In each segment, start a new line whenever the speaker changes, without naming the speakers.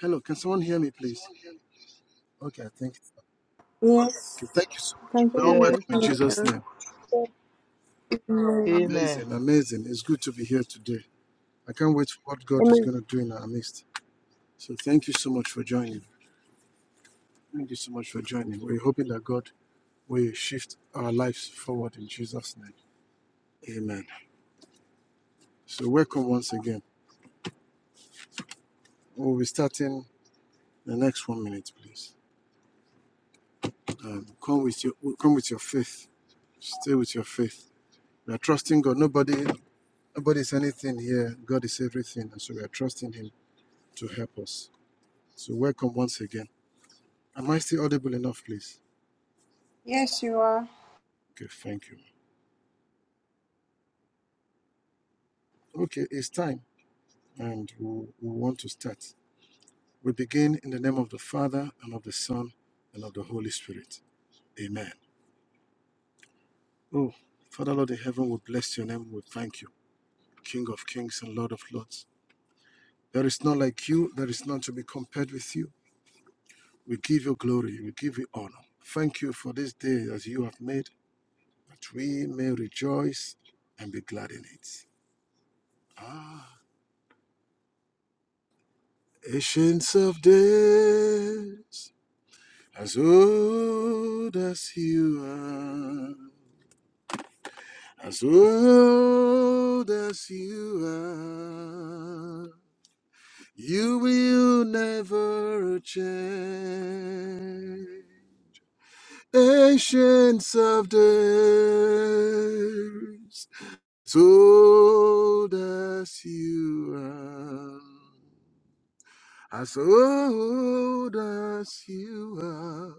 Hello, can someone hear me, please? Okay, thank
Yes.
you. Thank you so much.
can
We're all
you
Yes.
welcome in
hear being
Jesus'
yourself.
name.
Amen.
Amen.
Amazing, amazing. It's good to be here today. I can't wait for what God is going
Amen.
to do in our midst. So thank you so much for joining. Thank you so much for joining. We're hoping that God will shift our lives forward in Jesus' name. Amen. So welcome once again. We'll be starting the next one minute, please. Um, come with your come with your faith. Stay with your faith. We are trusting God. Nobody Nobody's anything here. God is everything. And so we are trusting Him to help us. So, welcome once again. Am I still audible enough, please?
Yes, you are.
Okay, thank you. Okay, it's time, and we, we want to start. We begin in the name of the Father, and of the Son, and of the Holy Spirit. Amen. Oh, Father, Lord in heaven, we bless your name. We thank you, King of kings and Lord of lords. There is none like you, there is none to be compared with you. We give you glory, we give you honor. Thank you for this day as you have made. that we may rejoice and be glad in it. Ah, ancients of days, as old as you are, as old as you are, you will never change. Ancients of days, Sold as you are. As old as you are,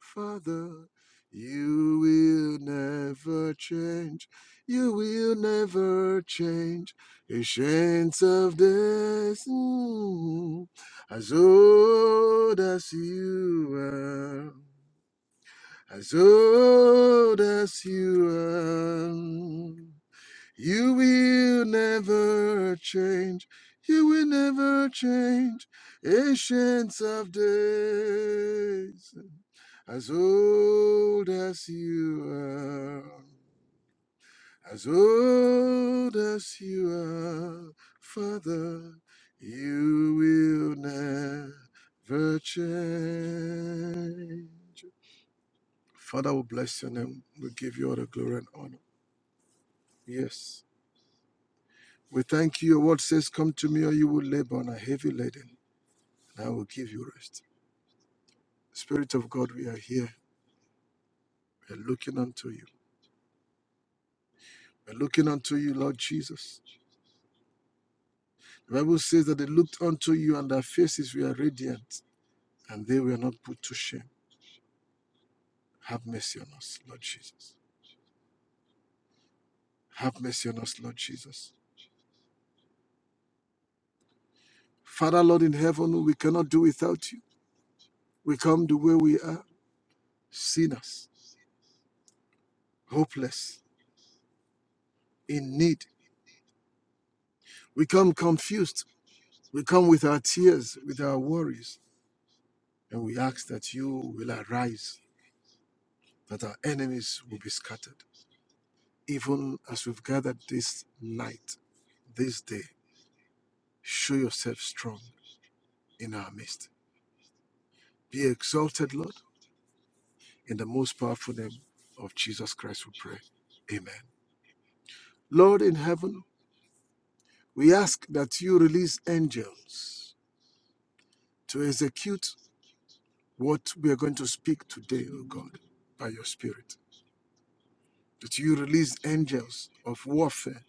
Father, you will never change. You will never change. Ancients of days, mm, as old as you are, as old as you are. You will never change. You will never change. Ancients of days, as old as you are, as old as you are, Father, you will never change. Father, we bless your name. We give you all the glory and honor. Yes. We thank you. Your word says, Come to me, or you will labor and are heavy laden, and I will give you rest. Spirit of God, we are here. We are looking unto you. We are looking unto you, Lord Jesus. The Bible says that they looked unto you, and their faces were radiant, and they were not put to shame. Have mercy on us, Lord Jesus. Have mercy on us, Lord Jesus. Father, Lord in heaven, we cannot do without you. We come the way we are, sinners, hopeless, in need. We come confused We come with our tears, with our worries, and we ask that you will arise, that our enemies will be scattered. Even as we've gathered this night, this day, show yourself strong in our midst. Be exalted, Lord, in the most powerful name of Jesus Christ, we pray. Amen. Lord in heaven, we ask that you release angels to execute what we are going to speak today, O God, by your Spirit. that you release angels of warfare,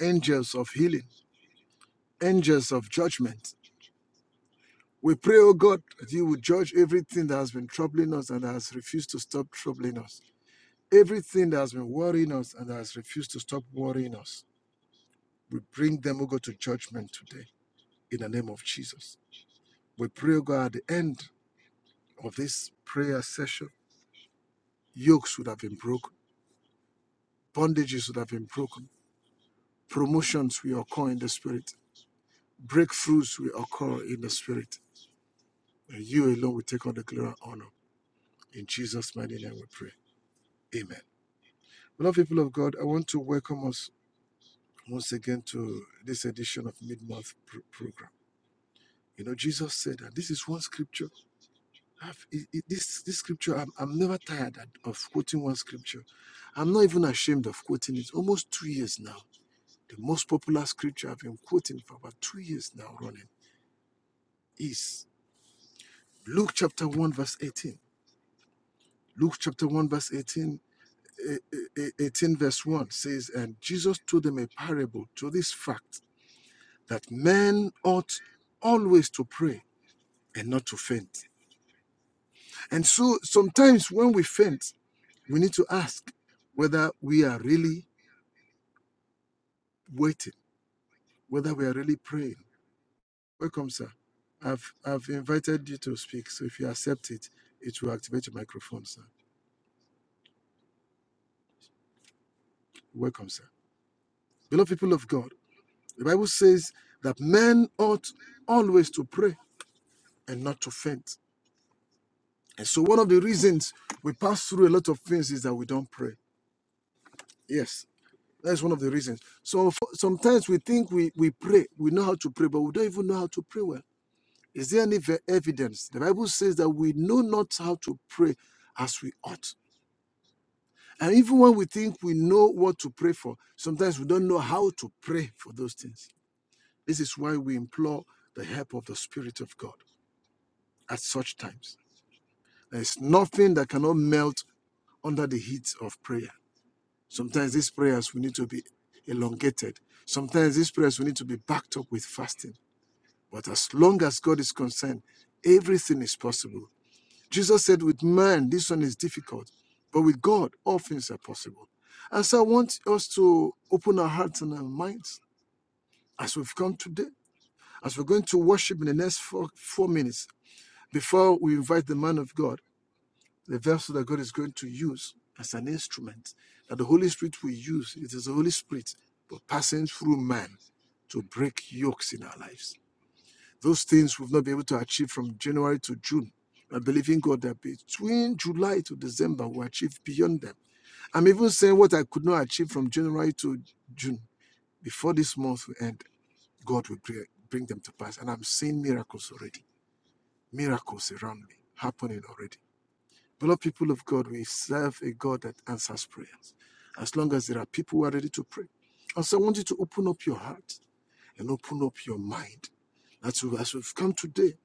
angels of healing, angels of judgment. We pray, O God, that you would judge everything that has been troubling us and has refused to stop troubling us. Everything that has been worrying us and has refused to stop worrying us. We bring them, O God, to judgment today in the name of Jesus. We pray, O God, at the end of this prayer session, yokes would have been broken, bondages would have been broken, promotions will occur in the spirit, breakthroughs will occur in the spirit And you alone will take all the glory and honor. In Jesus' mighty name we pray. Amen. Beloved people of God, I want to welcome us once again to this edition of Mid-Month pr- Program. You know, Jesus said that this is one scripture. I've, it, it- this, this scripture, I'm, I'm never tired at- of quoting one scripture. I'm not even ashamed of quoting it. Almost two years now. The most popular scripture I've been quoting for about two years now running is Luke chapter 1, verse 18. Luke chapter 1, verse 18 eh, eh, 18 verse 1 says, And Jesus told them a parable to this fact that men ought always to pray and not to faint. And so sometimes when we faint, we need to ask whether we are really waiting, whether we are really praying. Welcome, sir. I've, I've invited you to speak, so if you accept it, it will activate your microphone, sir. Welcome, sir. Beloved people of God, the Bible says that men ought always to pray and not to faint. And so one of the reasons we pass through a lot of things is that we don't pray. Yes, that's one of the reasons. So f- sometimes we think we, we pray, we know how to pray, but we don't even know how to pray well. Is there any ve- evidence? The Bible says that we know not how to pray as we ought. And even when we think we know what to pray for, sometimes we don't know how to pray for those things. This is why we implore the help of the Spirit of God at such times. There is nothing that cannot melt under the heat of prayer. Sometimes these prayers will need to be elongated. Sometimes these prayers will need to be backed up with fasting. But as long as God is concerned, everything is possible. Jesus said, with man, this one is difficult, but with God, all things are possible. And so I want us to open our hearts and our minds as we've come today, as we're going to worship in the next four, four minutes before we invite the man of God the vessel that God is going to use as an instrument that the Holy Spirit will use. It is the Holy Spirit, but passing through man to break yokes in our lives. Those things we've not been able to achieve from January to June. I believe in God that between July to December we achieve beyond them. I'm even saying what I could not achieve from January to June. Before this month will end, God will bring them to pass. And I'm seeing miracles already. Miracles around me happening already Beloved people of God, we serve a God that answers prayers. As long as there are people who are ready to pray. And so I want you to open up your heart and open up your mind. That's as we've come today.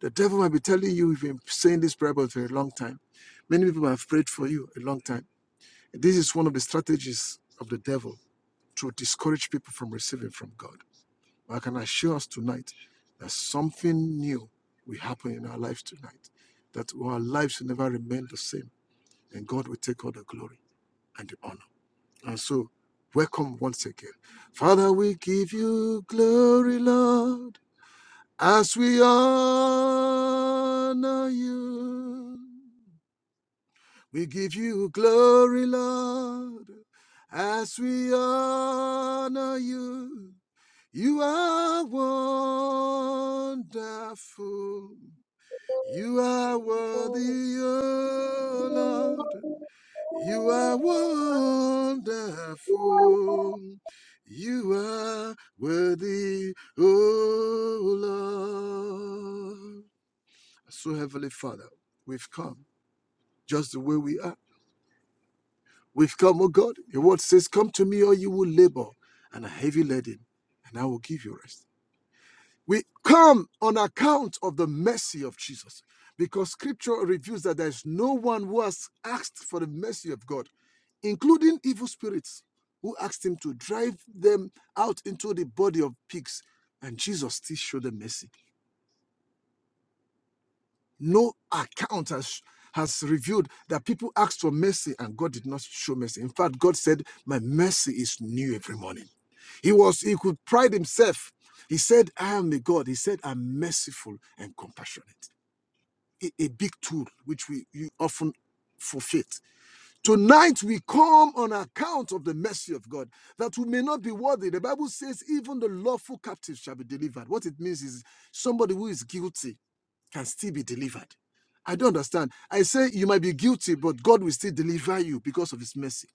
The devil might be telling you, you've been saying this prayer about for a long time. Many people have prayed for you a long time. This is one of the strategies of the devil to discourage people from receiving from God. But I can assure us tonight that something new will happen in our lives tonight, that our lives will never remain the same then God will take all the glory and the honor. And so, welcome once again. Father, we give you glory, Lord, as we honor you. We give you glory, Lord, as we honor you. You are wonderful. You are
Yes.
worthy, O Lord. You are wonderful. You are worthy, oh Lord. So, Heavenly Father, we've come just the way we are. We've come, oh God. Your word says, Come to me, or you will labor and a heavy laden, and I will give you rest. We come on account of the mercy of Jesus because scripture reveals that there is no one who has asked for the mercy of God including evil spirits who asked him to drive them out into the body of pigs. And Jesus still showed them mercy. No account has, has revealed that people asked for mercy and God did not show mercy. In fact, God said, My mercy is new every morning. He was, he could pride himself. He said, I am a God. He said, I'm merciful and compassionate. A, a big tool which we, we often forfeit Tonight we come on account of the mercy of God that we may not be worthy. The Bible says, even the lawful captive shall be delivered. What it means is somebody who is guilty can still be delivered. I don't understand. I say you might be guilty, but God will still deliver you because of his mercy.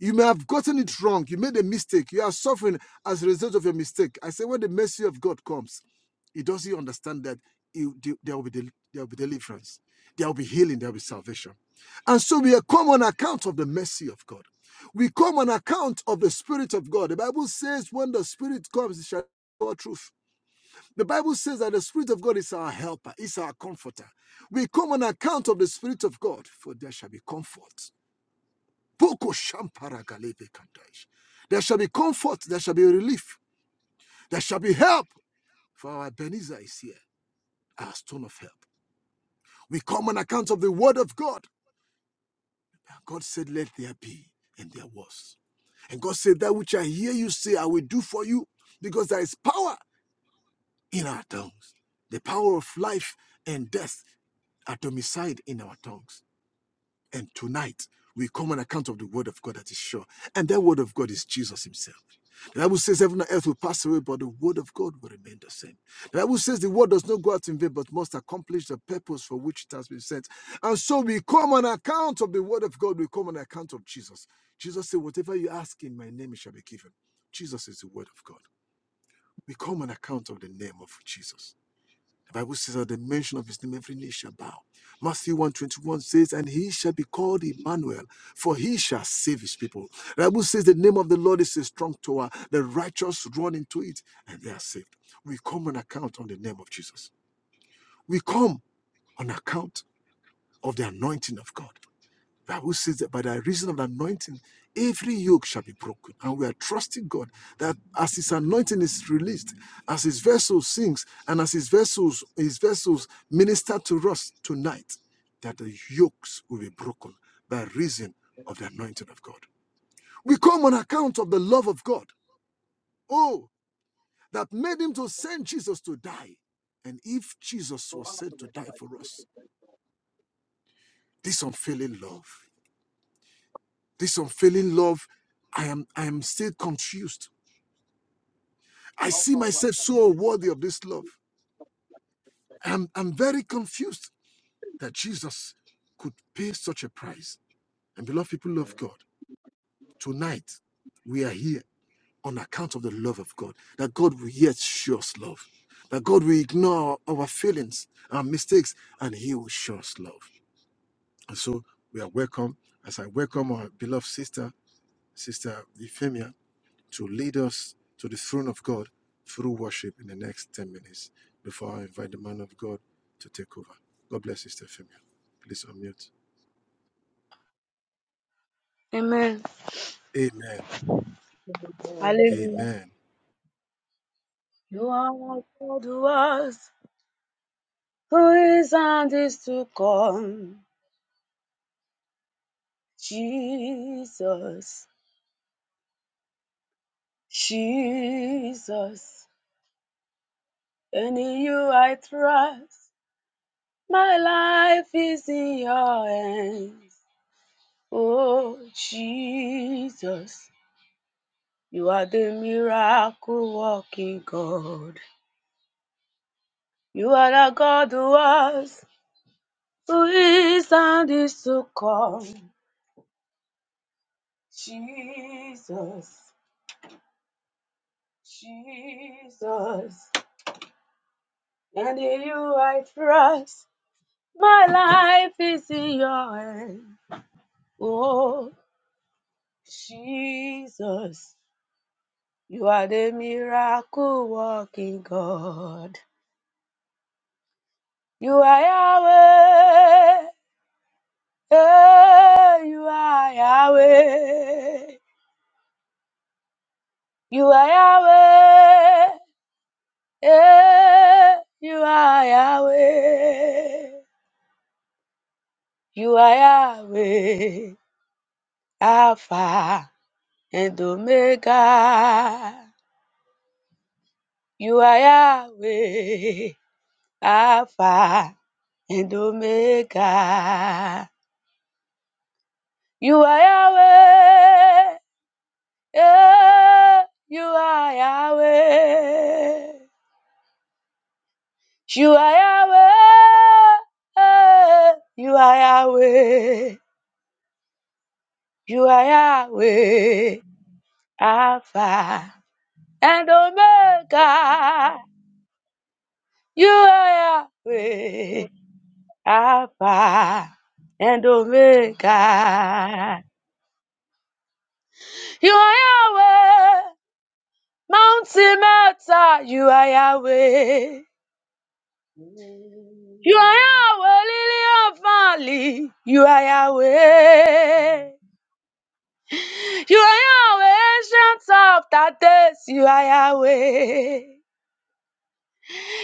You may have gotten it wrong. You made a mistake. You are suffering as a result of your mistake. I say, when the mercy of God comes, he doesn't understand that you- the- there will be del- there will be deliverance, there will be healing, there will be salvation. And so we come on account of the mercy of God. We come on account of the Spirit of God. The Bible says, when the Spirit comes, it shall all truth. The Bible says that the Spirit of God is our helper, is our comforter. We come on account of the Spirit of God, for there shall be comfort. Poko shampara galebe kandaish. There shall be comfort, there shall be relief, there shall be help, for our Ebenezer is here, our stone of help. We come on account of the word of God. God said, Let there be, and there was. And God said, That which I hear you say, I will do for you, because there is power in our tongues. The power of life and death are domiciled in our tongues. And tonight, we come on account of the word of God that is sure. And that word of God is Jesus himself. The Bible says heaven and earth will pass away, but the word of God will remain the same. The Bible says the word does not go out in vain, but must accomplish the purpose for which it has been sent. And so we come on account of the word of God, we come on account of Jesus. Jesus said, Whatever you ask in my name, it shall be given. Jesus is the word of God. We come on account of the name of Jesus. The Bible says, at the mention of his name, every knee shall bow. Matthew 121 says, And he shall be called Emmanuel, for he shall save his people. The Bible says, The name of the Lord is a strong tower. The righteous run into it, and they are saved. We come on account on the name of Jesus. We come on account of the anointing of God. Bible says that by the reason of the anointing, every yoke shall be broken. And we are trusting God that as his anointing is released, as his vessel sings, and as his vessels, his vessels minister to us tonight, that the yokes will be broken by reason of the anointing of God. We come on account of the love of God. Oh, that made him to send Jesus to die. And if Jesus was sent to die for us, this unfailing love. This unfailing love, I am I am still confused. I see myself so unworthy of this love. I'm I'm very confused that Jesus could pay such a price. And beloved people of God, tonight we are here on account of the love of God. That God will yet show us love. That God will ignore our feelings and mistakes, and He will show us love. And so we are welcome. As I welcome our beloved sister, Sister Euphemia, to lead us to the throne of God through worship in the next 10 minutes before I invite the man of God to take over. God bless you, Sister Femia. Please unmute.
Amen.
Amen.
Hallelujah.
Amen.
You are God who was, Who is and is to come? Jesus. Jesus. And in you I trust. My life is in your hands. Oh, Jesus. You are the miracle working God. You are the God who was, who is, and is to come. Jesus, Jesus, and in you I trust. My life is in your hand. Oh, Jesus, you are the miracle working God. You are Yahweh. Eh, you are Yahweh. You are Yahweh. Eh, you are Yahweh. You are Yahweh, Alpha and Omega. You are Yahweh, Alpha and Omega. You are Yahweh, yeah, you are Yahweh. You are Yahweh, eh, you are Yahweh. You are Yahweh, Alpha and Omega. You are Yahweh, Alpha and Omega. You are Yahweh, Mountain Matter. You are Yahweh. You are Yahweh, Lily of Valley. You are Yahweh. You are Yahweh, Ancient of Days. You are Yahweh.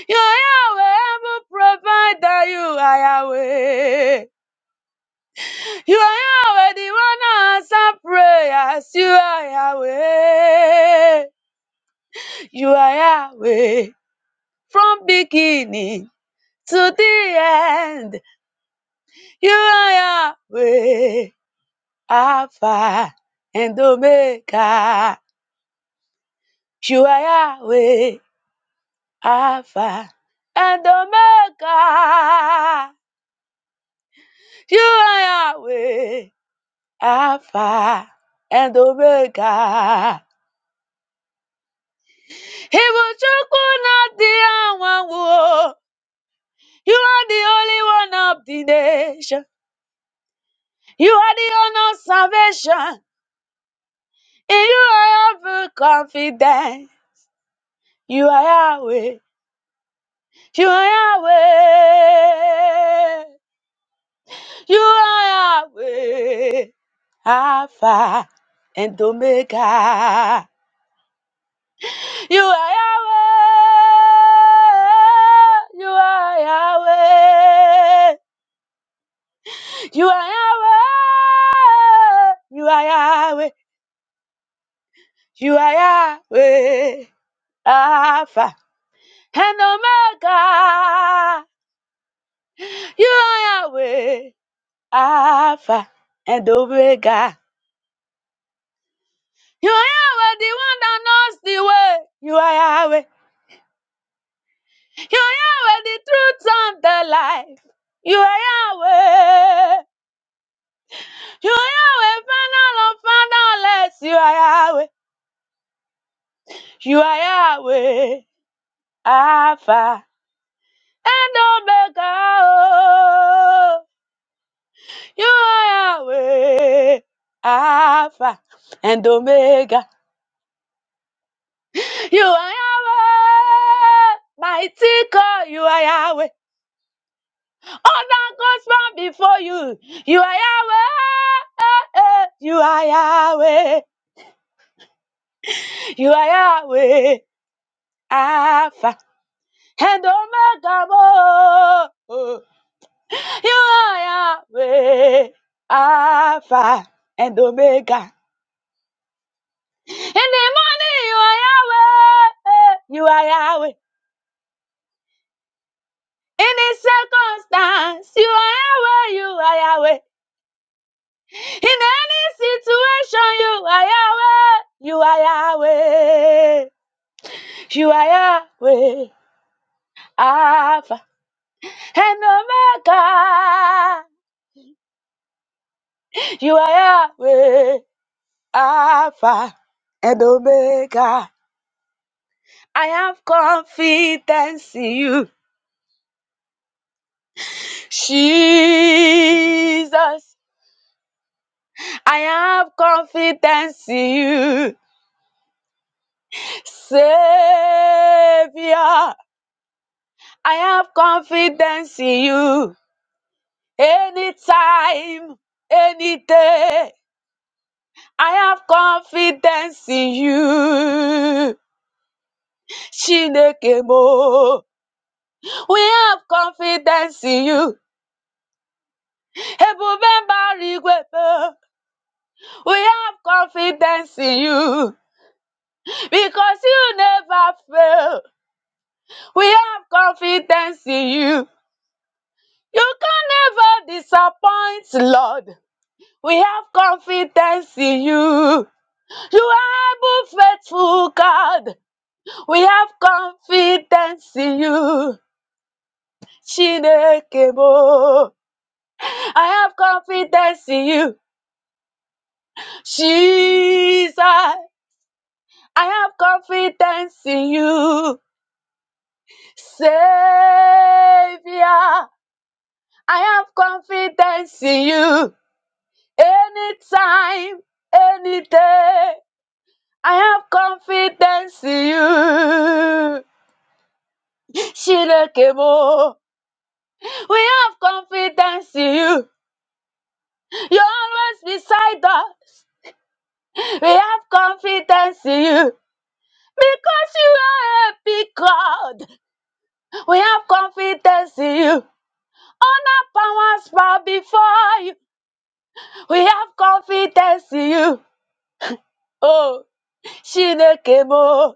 You are Yahweh, Able Provider. You are Yahweh. You are Yahweh, the one answer prayers. You are Yahweh. You are Yahweh. From beginning to the end, you are Yahweh. Alpha and Omega. You are Yahweh. Alpha and Omega. You are Yahweh. Alpha and Omega. Ibuchukwu, not the one. Whoa. You are the only one of the nation. You are the honor of salvation. In you I have full confidence. You are Yahweh. You are Yahweh. You are Yahweh. Alpha and Omega. You are Yahweh. You are Yahweh. You are Yahweh. You are Yahweh. You are Yahweh. Alpha and Omega. You are Yahweh. Alpha and Omega. You are Yahweh, the one that knows the way. You are Yahweh. You are Yahweh, the truth and the life. You are Yahweh. You are Yahweh, final of fatherless. You are Yahweh. You are Yahweh. Alpha and Omega. Oh, you are Yahweh, Alpha and Omega. You are Yahweh, mighty God. You are Yahweh. All that goes from before you. You are Yahweh. You are Yahweh. You are Yahweh, Alpha and Omega. Oh, you are Yahweh, Alpha and Omega. In the morning, you are Yahweh. You are Yahweh. In the circumstance, you are Yahweh. You are Yahweh. In any situation, you are Yahweh. You are Yahweh. You are Yahweh. Alpha and Omega. You are Yahweh. Alpha and Omega. I have confidence in you, Jesus. I have confidence in you, Savior. I have confidence in you. Anytime, any day, I have confidence in you. Chineke mo, we have confidence in you. Ebube mbara igwe mo, we have confidence in you because you never fail. We have confidence in you. You can never disappoint, Lord. We have confidence in you. You are able, faithful God. We have confidence in you. Chineke mo. I have confidence in you. Jesus. I have confidence in you. Savior. I have confidence in you. Anytime, any day. I have confidence in you. Chineke mo. We have confidence in you. You're always beside us. We have confidence in you. Because you are a big God. We have confidence in you. Honor powers bow before you. We have confidence in you. Oh, Chineke mo.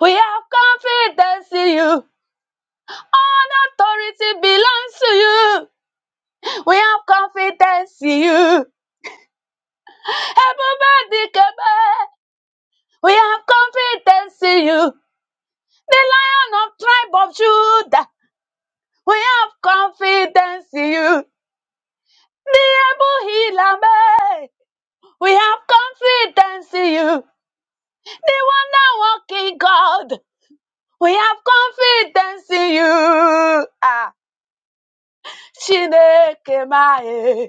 We have confidence in you. All authority belongs to you. We have confidence in you. Ebube Dikebe, we have confidence in you. The lion of tribe of Judah, we have confidence in you. The able healer, Hilame, we have confidence in you. The wonder working God, we have confidence in you. Ah, Chineke Mae,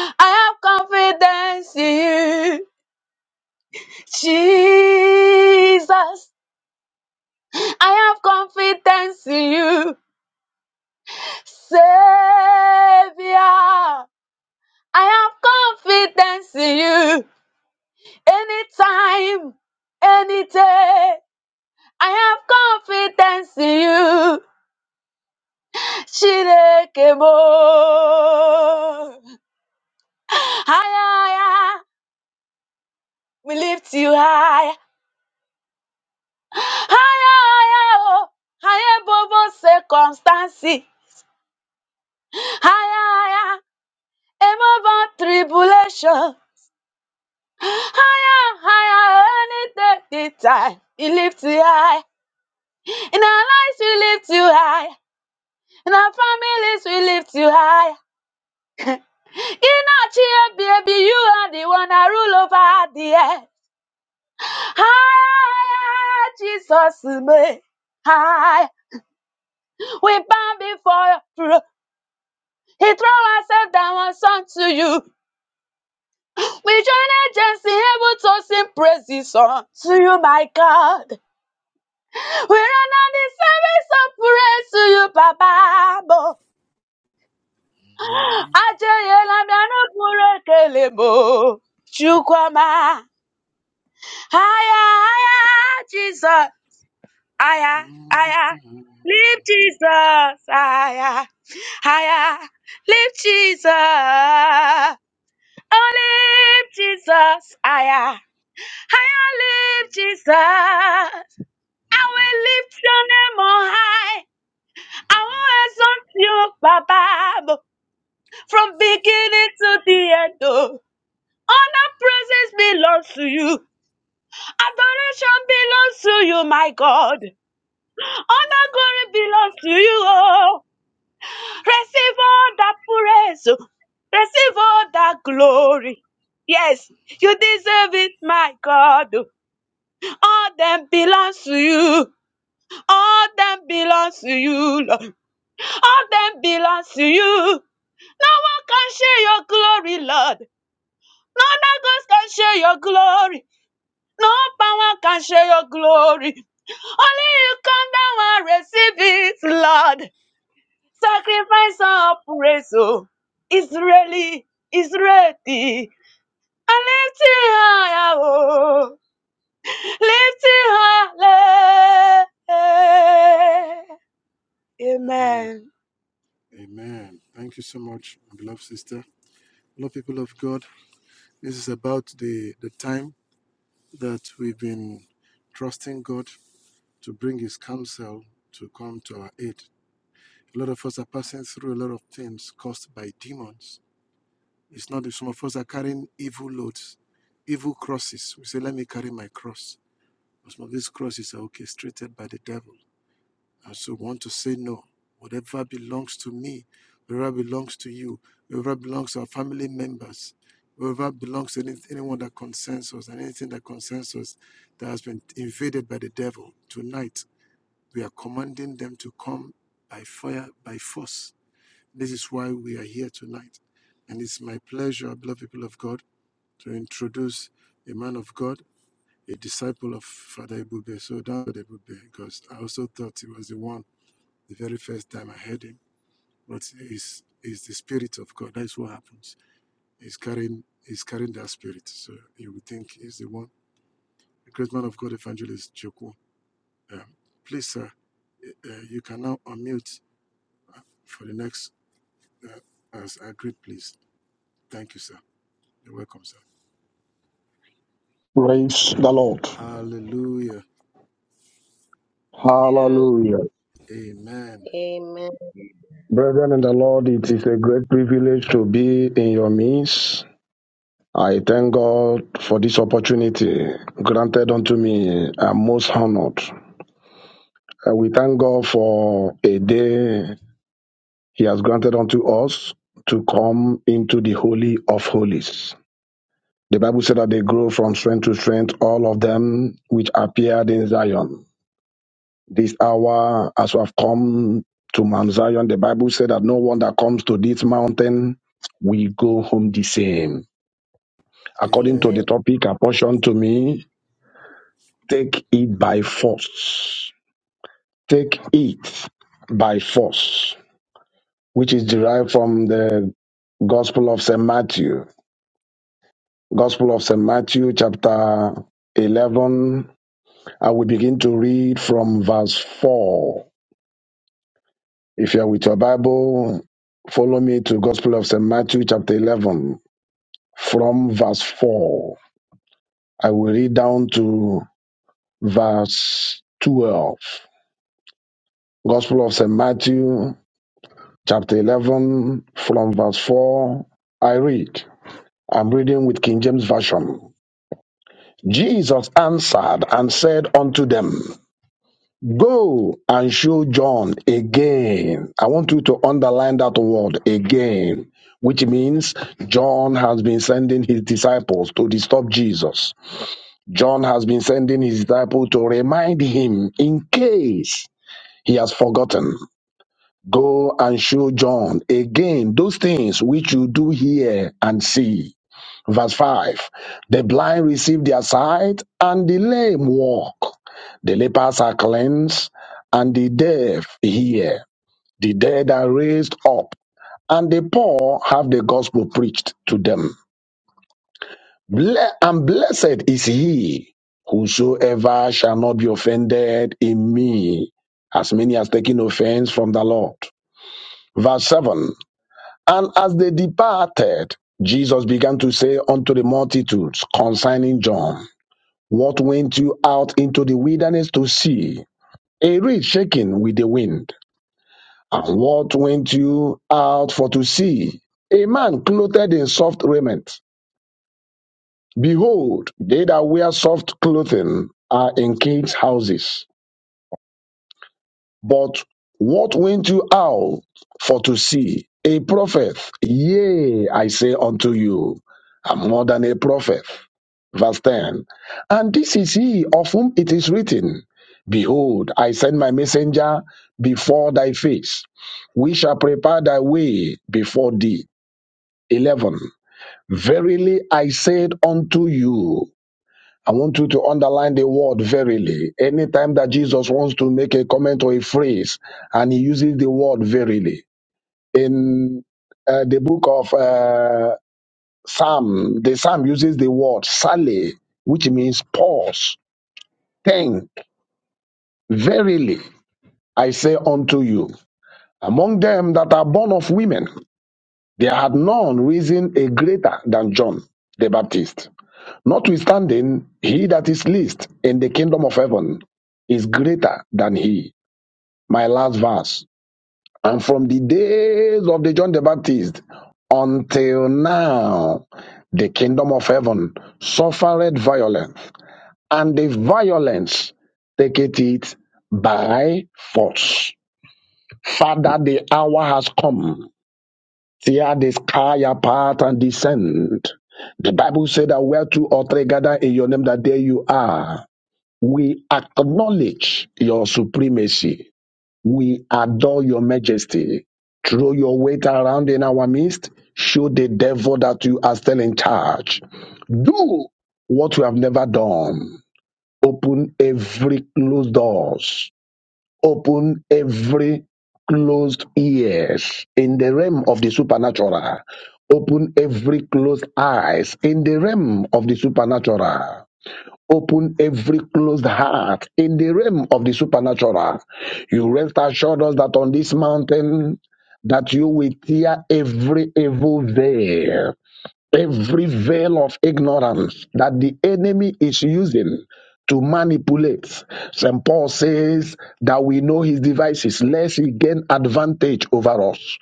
I have confidence in you. Jesus. I have confidence in you, Savior. I have confidence in you. Anytime, any day, I have confidence in you. Shirekemo. Higher, higher, we lift you high, Higher, higher, oh. Higher above all circumstances. Higher, higher, above all tribulation. Higher, higher, any day, time. He lifts you high. In our lives, we lift you high. In our families, we lift you high. In our cheer, baby, you are the one that rule over the earth. Higher, Jesus, me. High. We bow before your throne. He throw ourselves down and song to you. We join agents in heaven to sing praises unto you, my God. We're on the service of praise to you, Papa. Bo.
Amen.
Ajayela miano pure kelebo. Chukwama. higher, higher, Jesus. higher, higher, Lift Jesus. higher, higher, Lift Jesus. Oh, lift Jesus. higher, higher, Lift Jesus. I will lift your name on high. I want to exalt you, Baba, from beginning to the end. Oh. Honor, praises belongs to you. Adoration belongs to you, my God. Honor, glory belongs to you. Oh. Receive all that praise. Oh. Receive all that glory. Yes, you deserve it, my God. Oh. All them belongs to you. All them belongs to you, Lord. All them belongs to you. No one can share your glory, Lord. No other gods can share your glory. No power can share your glory. Only you come down and receive it, Lord. Sacrifice and praise, oh. Israeli, Israeli. And lift it higher, oh. Lift it higher.
Amen.
Amen.
Amen. Thank you so much, beloved sister. Hello, people of God. This is about the, the time that we've been trusting God to bring His counsel to come to our aid. A lot of us are passing through a lot of things caused by demons It's not that some of us are carrying evil loads, evil crosses. We say, let me carry my cross. But some of these crosses are orchestrated by the devil. And so we want to say no. Whatever belongs to me, whatever belongs to you, whatever belongs to our family members, whatever belongs to any, anyone that concerns us and anything that concerns us that has been invaded by the devil, tonight we are commanding them to come by fire, by force. This is why we are here tonight. And it's my pleasure, beloved people of God to introduce a man of God, a disciple of Father Ibube. So that's Father Ibube, because I also thought he was the one the very first time I heard him. But he's, he's the spirit of God. That's what happens. He's carrying he's carrying that spirit. So you would think he's the one. The great man of God, evangelist Joko. Um, please, sir, uh, you can now unmute for the next uh, as agreed, please. Thank you, sir. You're welcome, sir.
Praise the Lord.
Hallelujah.
Hallelujah.
Amen.
Amen.
Amen.
Brethren in the Lord, it is a great privilege to be in your midst. I thank God for this opportunity granted unto me. I'm most honored. Uh, we thank God for a day He has granted unto us to come into the Holy of Holies. The Bible said that they grow from strength to strength, all of them which appeared in Zion. This hour, as we have come to Mount Zion, the Bible said that no one that comes to this mountain will go home the same. According to
Amen.
the topic apportioned to me, take it by force. Take it by force, which is derived from the Gospel of St. Matthew. Gospel of St. Matthew, chapter 11. I will begin to read from verse 4. If you are with your Bible, follow me to Gospel of St. Matthew, chapter 11, from verse 4. I will read down to verse 12. Gospel of St. Matthew, chapter 11, from verse 4. I read. I'm reading with King James Version. Jesus answered and said unto them, Go and show John again. I want you to underline that word again, which means John has been sending his disciples to disturb Jesus. John has been sending his disciples to remind him in case he has forgotten. Go and show John again those things which you do hear and see. Verse 5 The blind receive their sight, and the lame walk. The lepers are cleansed, and the deaf hear. The dead are raised up, and the poor have the gospel preached to them. Ble- And blessed is he whosoever shall not be offended in me, as many as taking offense from the Lord. Verse 7 And as they departed, Jesus began to say unto the multitudes concerning John. What went you out into the wilderness to see? A reed shaking with the wind. And what went you out for to see? A man clothed in soft raiment. Behold, they that wear soft clothing are in kings' houses. But what went you out for to see? A prophet. Yea, I say unto you, I'm more than a prophet. Verse 10. And this is he of whom it is written, Behold, I send my messenger before thy face. We shall prepare thy way before thee. 11. Verily I said unto you, I want you to underline the word verily. Anytime that Jesus wants to make a comment or a phrase, and he uses the word verily. In uh, the book of uh, Psalm, the Psalm uses the word sally, which means pause, think, verily, I say unto you. Among them that are born of women, there had none risen a greater than John the Baptist. Notwithstanding, he that is least in the kingdom of heaven is greater than he. My last verse. And from the days of the John the Baptist until now, the kingdom of heaven suffered violence, and the violence taketh it by force. Father, the hour has come. Tear the sky apart and descend. The Bible said that where two or three gather in your name, that there you are. We acknowledge your supremacy. We adore your majesty. Throw your weight around in our midst. Show the devil that you are still in charge. Do what you have never done. Open every closed doors. Open every closed ears in the realm of the supernatural. Open every closed eyes in the realm of the supernatural Open every closed heart in the realm of the supernatural. You rest assured us that on this mountain that you will tear every evil veil, every veil of ignorance that the enemy is using to manipulate. St. Paul says that we know his devices, lest he gain advantage over us.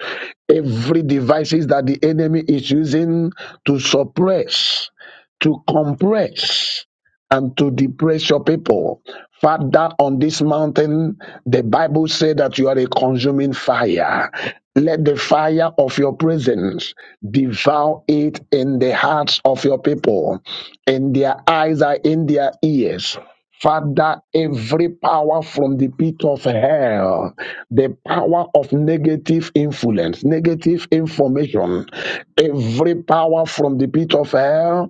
Every devices that the enemy is using to suppress, to compress and to depress your people. Father, on this mountain, the Bible said that you are a consuming fire. Let the fire of your presence devour it in the hearts of your people, in their eyes and in their ears. Father, every power from the pit of hell, the power of negative influence, negative information, every power from the pit of hell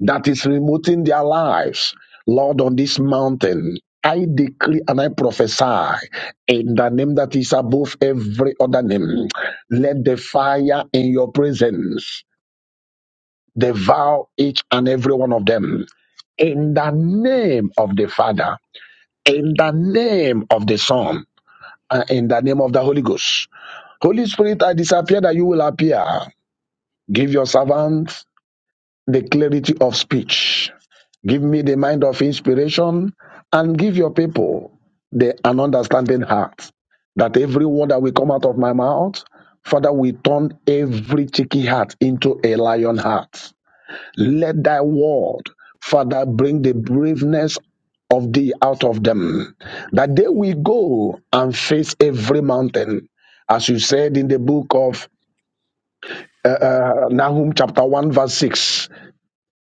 that is remoting their lives. Lord, on this mountain, I decree and I prophesy in the name that is above every other name. Let the fire in your presence devour each and every one of them. In the name of the Father, in the name of the Son, and in the name of the Holy Ghost. Holy Spirit, I disappear that you will appear. Give your servant the clarity of speech. Give me the mind of inspiration and give your people the an understanding heart that every word that will come out of my mouth, Father, we turn every cheeky heart into a lion heart. Let thy word, Father, bring the braveness of thee out of them, that they will go and face every mountain. As you said in the book of uh, uh, Nahum, chapter 1, verse 6,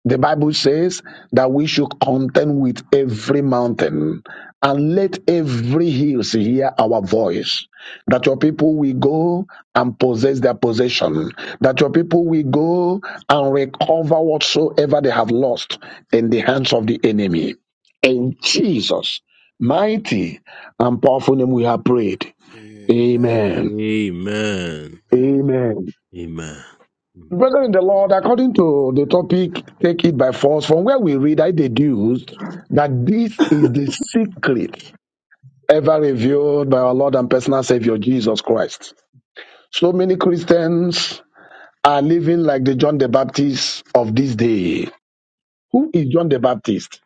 the Bible says that we should contend with every mountain and let every hills hear our voice. That your people will go and possess their possession. That your people will go and recover whatsoever they have lost in the hands of the enemy. In Jesus' mighty and powerful name we have prayed.
Amen.
Amen.
Amen.
Amen.
Amen. Brother in the Lord, according to the topic, take it by force, from where we read, I deduced that this is the secret ever revealed by our Lord and personal Savior Jesus Christ. So many Christians are living like the John the Baptist of this day. Who is John the Baptist?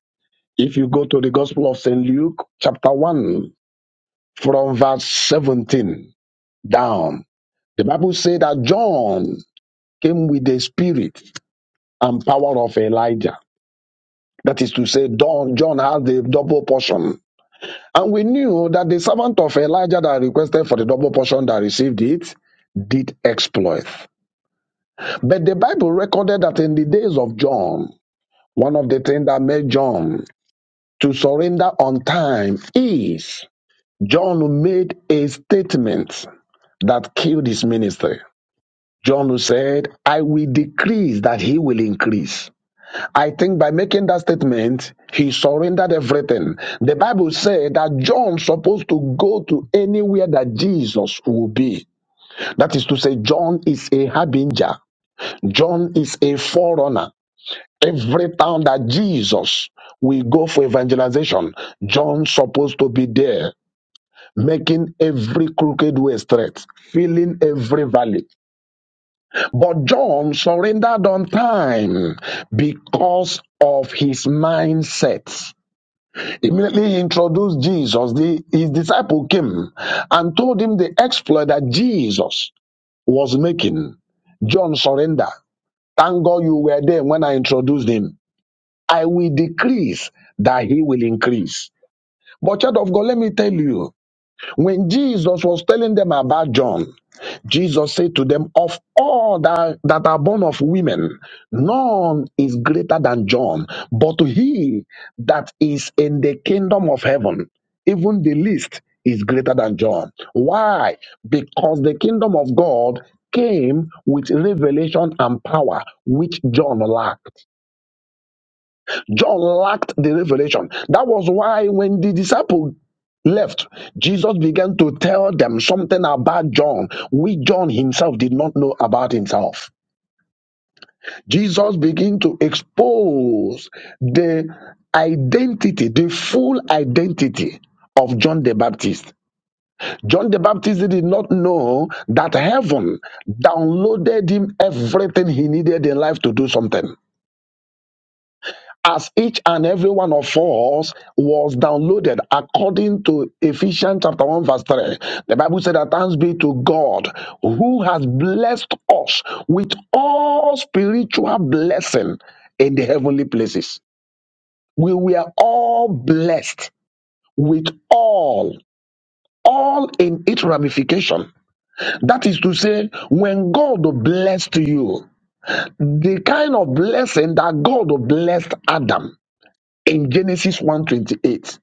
If you go to the Gospel of St. Luke, chapter 1, from verse 17 down, the Bible says that John came with the spirit and power of Elijah That is to say, Don- John has the double portion. And we knew that the servant of Elijah that requested for the double portion that received it did exploit. But the Bible recorded that in the days of John, one of the things that made John to surrender on time is John made a statement that killed his ministry. John said, I will decrease that he will increase. I think by making that statement, he surrendered everything. The Bible said that John supposed to go to anywhere that Jesus will be. That is to say, John is a harbinger. John is a forerunner. Every town that Jesus will go for evangelization, John supposed to be there, making every crooked way straight, filling every valley. But John surrendered on time because of his mindset. Immediately he introduced Jesus. The, his disciple came and told him the exploit that Jesus was making. John surrender. Thank God you were there when I introduced him. I will decrease that he will increase. But child of God, let me tell you, when Jesus was telling them about John, Jesus said to them, Of all that, that are born of women, none is greater than John, but he that is in the kingdom of heaven, even the least, is greater than John. Why? Because the kingdom of God came with revelation and power, which John lacked. John lacked the revelation. That was why when the disciple left, Jesus began to tell them something about John, which John himself did not know about himself. Jesus began to expose the identity, the full identity of John the Baptist. John the Baptist did not know that heaven downloaded him everything he needed in life to do something. as each and every one of us was downloaded according to Ephesians chapter 1 verse 3. The Bible said that thanks be to God who has blessed us with all spiritual blessing in the heavenly places. We were all blessed with all, all in its ramification. That is to say, when God blessed you, the kind of blessing that God blessed Adam in Genesis one twenty eight.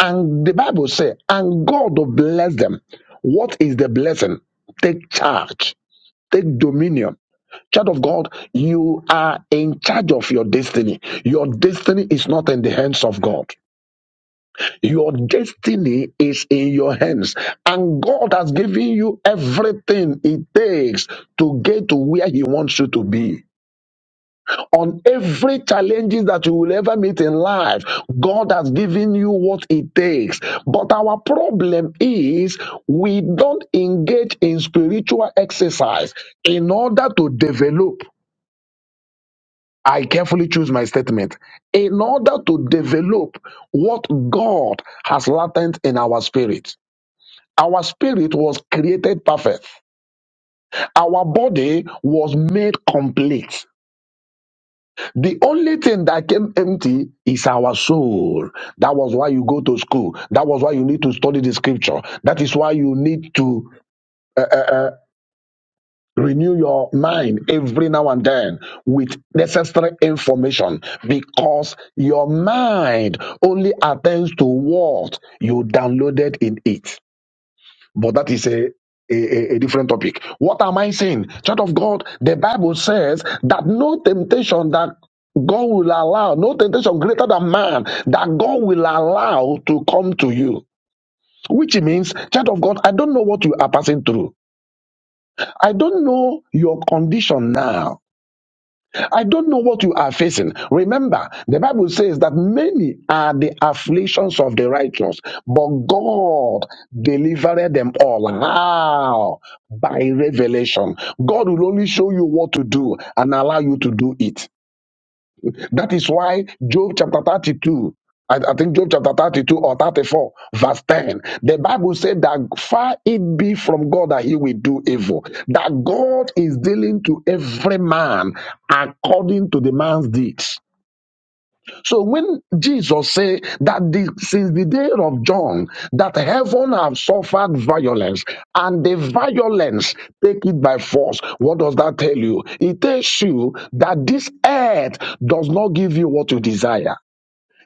And the Bible says, and God will bless them. What is the blessing? Take charge, take dominion. Child of God, you are in charge of your destiny. Your destiny is not in the hands of God. Your destiny is in your hands. And God has given you everything it takes to get to where He wants you to be on every challenges that you will ever meet in life god has given you what it takes but our problem is we don't engage in spiritual exercise in order to develop i carefully choose my statement in order to develop what god has latent in our spirit our spirit was created perfect our body was made complete The only thing that came empty is our soul. That was why you go to school. That was why you need to study the scripture. That is why you need to uh, uh, uh, renew your mind every now and then with necessary information because your mind only attends to what you downloaded in it. But that is a, a, a a different topic. What am I saying? Child of God, the Bible says that no temptation that God will allow, no temptation greater than man that God will allow to come to you. Which means, child of God, I don't know what you are passing through. I don't know your condition now. I don't know what you are facing. Remember, the Bible says that many are the afflictions of the righteous, but God delivered them all. How? By revelation. God will only show you what to do and allow you to do it. That is why Job chapter 32, I, I think Job chapter 32 or 34, verse 10, the Bible said that far it be from God that he will do evil, that God is dealing to every man according to the man's deeds. So when Jesus said that the, since the day of John, that heaven have suffered violence, and the violence take it by force, what does that tell you? It tells you that this earth does not give you what you desire.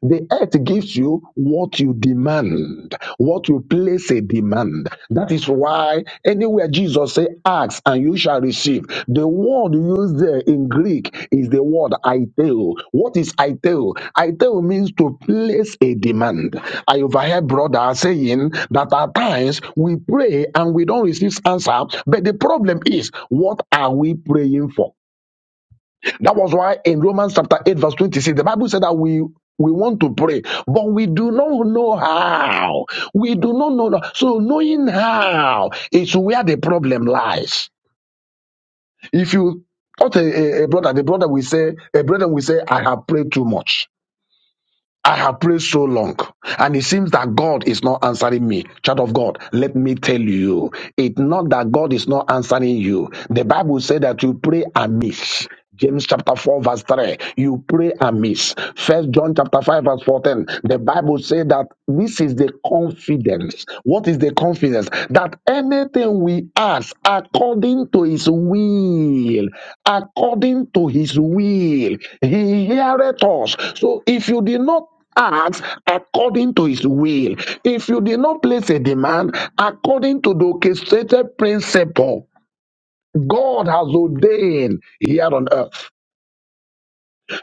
The earth gives you what you demand, what you place a demand. That is why anywhere Jesus say, ask and you shall receive. The word used there in Greek is the word iteo. What is iteo? Iteo means to place a demand. I overheard brother saying that at times we pray and we don't receive answer, but the problem is, what are we praying for? That was why in Romans chapter 8, verse 26, the Bible said that we we want to pray, but we do not know how. We do not know. So knowing how is where the problem lies. If you what a, a- a brother, the brother will say, a brother will say, I have prayed too much. I have prayed so long, and it seems that God is not answering me. Child of God, let me tell you, it's not that God is not answering you. The Bible said that you pray amiss. James chapter 4, verse 3. You pray amiss. First John chapter 5, verse 14. The Bible says that this is the confidence what is the confidence? That anything we ask according to his will, according to his will, he heareth us. So if you did not ask according to his will, if you did not place a demand according to the orchestrated principle God has ordained here on earth.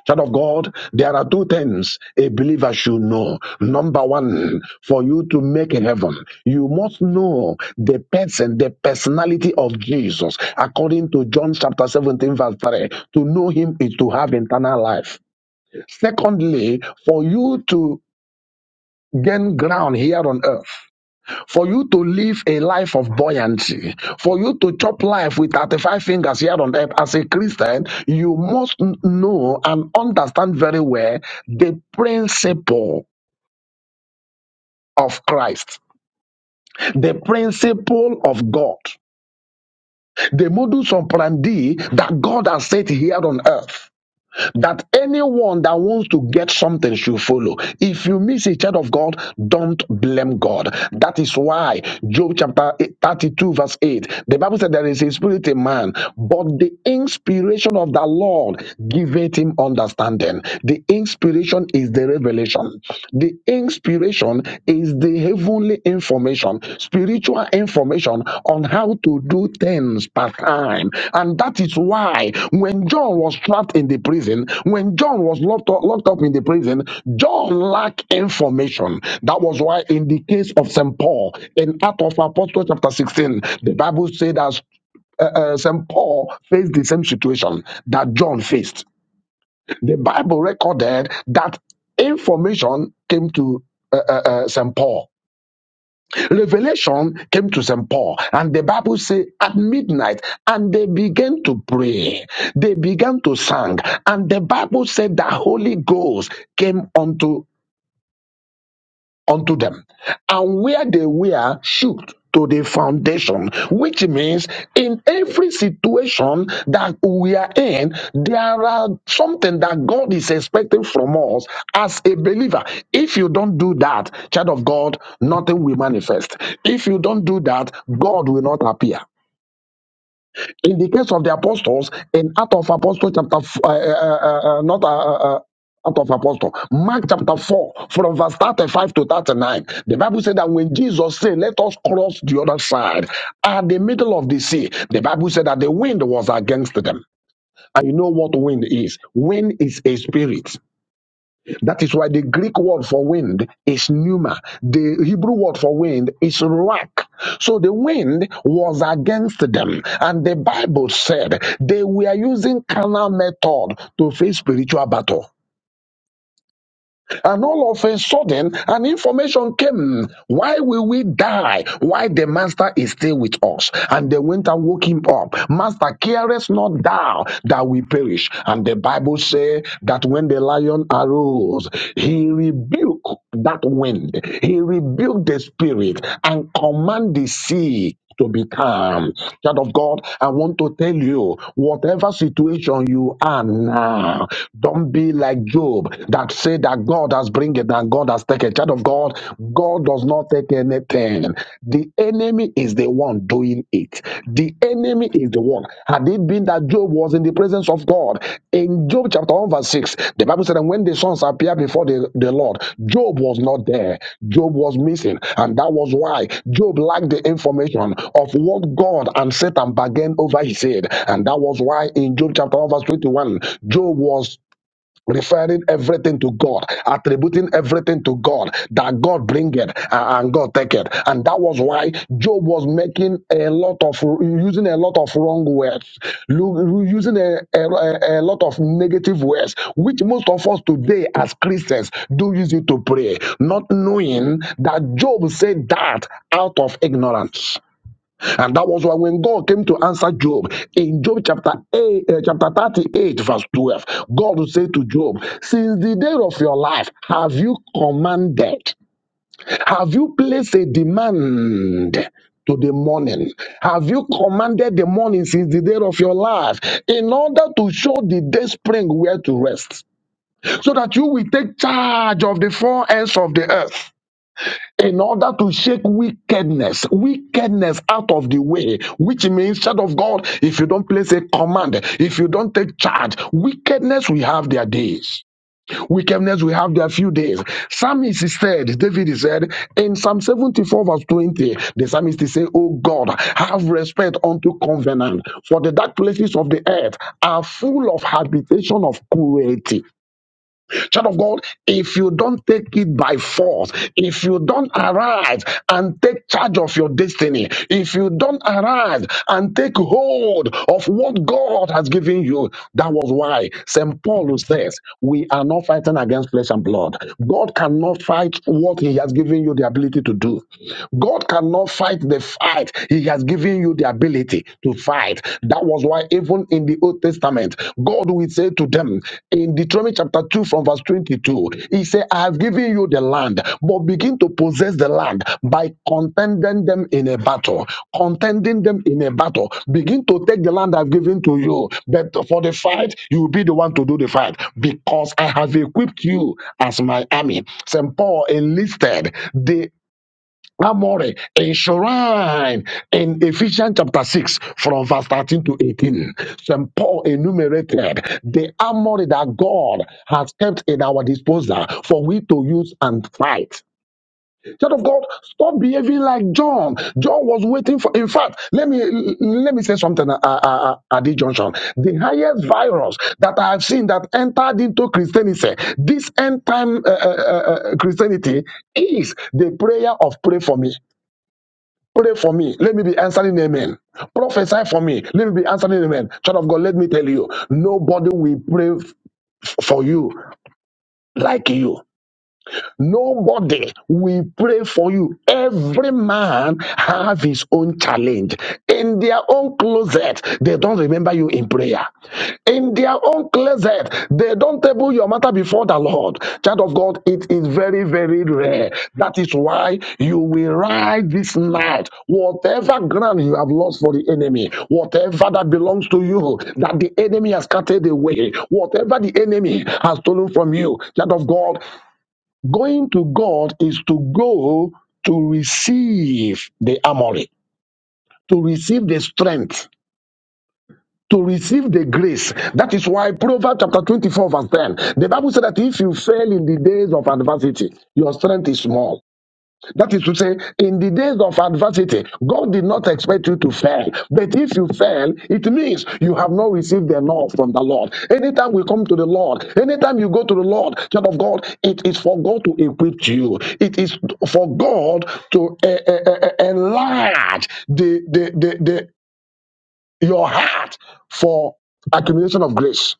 Child of God, there are two things a believer should know. Number one, for you to make heaven, you must know the person, the personality of Jesus. According to John chapter 17, verse 3, to know him is to have eternal life. Secondly, for you to gain ground here on earth, for you to live a life of buoyancy, for you to chop life with 35 fingers here on earth as a Christian, you must n- know and understand very well the principle of Christ, the principle of God, the modus operandi that God has set here on earth. that anyone that wants to get something should follow. If you miss a child of God, don't blame God. That is why Job chapter 32, verse 8, the Bible said there is a spirit in man, but the inspiration of the Lord giveth him understanding. The inspiration is the revelation. The inspiration is the heavenly information, spiritual information on how to do things per time. And that is why when John was trapped in the prison, when John was locked up, locked up in the prison, John lacked information. That was why in the case of St. Paul, in Acts of Apostles chapter 16, the Bible said that uh, uh, St. Paul faced the same situation that John faced. The Bible recorded that information came to uh, uh, uh, St. Paul Revelation came to St. Paul, and the Bible says at midnight, and they began to pray. They began to sing, and the Bible said the Holy Ghost came unto unto them. And where they were shook to the foundation, which means in every situation that we are in, there are something that God is expecting from us as a believer. If you don't do that, child of God, nothing will manifest. If you don't do that, God will not appear in the case of the apostles in Act of Apostle chapter f- uh, uh, uh, uh, uh, not uh, uh, uh, Act of Apostle Mark chapter four from verse thirty five to thirty nine. The Bible said that when Jesus said, "Let us cross the other side," at the middle of the sea, the Bible said that the wind was against them. And you know what wind is? Wind is a spirit. That is why the Greek word for wind is pneuma. The Hebrew word for wind is ruach. So the wind was against them. And the Bible said they were using carnal method to face spiritual battle. And all of a sudden, an information came. Why will we die? Why the master is still with us? And they went and woke him up. Master, carest not thou that we perish. And the Bible says that when the lion arose, he rebuked that wind. He rebuked the spirit and commanded the sea to be calm. Child of God, I want to tell you, whatever situation you are now, don't be like Job that said that God has bring it and God has taken. Child of God, God does not take anything. The enemy is the one doing it. The enemy is the one. Had it it being that Job was in the presence of God? In Job chapter 1, verse 6, the Bible said, And when the sons appeared before the, the Lord, Job was not there. Job was missing. And that was why Job lacked the information of what God and Satan bargained over his head. And that was why in Job chapter 1, verse 21, Job was referring everything to God, attributing everything to God, that God bringeth and and God taketh. And that was why Job was making a lot of, using a lot of wrong words, lu- using a, a, a a lot of negative words, which most of us today as Christians do use it to pray, not knowing that Job said that out of ignorance. And that was why when God came to answer Job in Job chapter 8, uh, chapter 38, verse 12, God said to Job, Since the day of your life, have you commanded? Have you placed a demand? To the morning. Have you commanded the morning since the day of your life in order to show the day spring where to rest so that you will take charge of the four ends of the earth? in order to shake wickedness, wickedness out of the way, which means, child of God, if you don't place a command, if you don't take charge, wickedness will have their days. Wickedness will have their few days. Psalmist said, David said, in Psalm 74 verse 20, the psalmist said, Oh God, have respect unto covenant, for the dark places of the earth are full of habitation of cruelty. Child of God, if you don't take it by force, if you don't arise and take charge of your destiny, if you don't arise and take hold of what God has given you, that was why St. Paul says, We are not fighting against flesh and blood. God cannot fight what He has given you the ability to do. God cannot fight the fight He has given you the ability to fight. Testament. That was why, even in the Old Testament, God will say to them in Deuteronomy chapter 2, from verse 22, He said, I have given you the land, but begin to possess the land by contending them in a battle. Contending them in a battle. Begin to take the land I've given to you. But for the fight, you will be the one to do the fight because I have equipped you as my army. St. Paul enlisted the. Amore, enshrined in Ephesians chapter 6 from verse 13 to 18. St. Paul enumerated the armory that God has kept in our disposal for we to use and fight. Child of God, stop behaving like John. John was waiting for, in fact, let me let me say something uh, uh, uh, at this junction. The highest virus that I have seen that entered into Christianity, this end time uh, uh, uh, uh, Christianity is the prayer of pray for me. Pray for me. Let me be answering amen. Prophesy for me. Let me be answering amen. Child of God, let me tell you, nobody will pray f- for you like you. Nobody will pray for you. Every man have his own challenge. In their own closet, they don't remember you in prayer. In their own closet, they don't table your matter before the Lord. Child of God, it is very, very rare. That is why you will ride this night. Whatever ground you have lost for the enemy, whatever that belongs to you, that the enemy has scattered away, whatever the enemy has stolen from you, child of God. Going to God is to go to receive the armory, to receive the strength, to receive the grace. That is why Proverbs chapter 24, verse 10, the Bible said that if you fail in the days of adversity, your strength is small. That is to say, in the days of adversity, God did not expect you to fail. But if you fail, it means you have not received enough from the Lord. Anytime we come to the Lord, anytime you go to the Lord, child of God, it is for God to equip you. It is for God to eh, eh, eh, eh, enlarge the, the, the, the, your heart for accumulation of grace.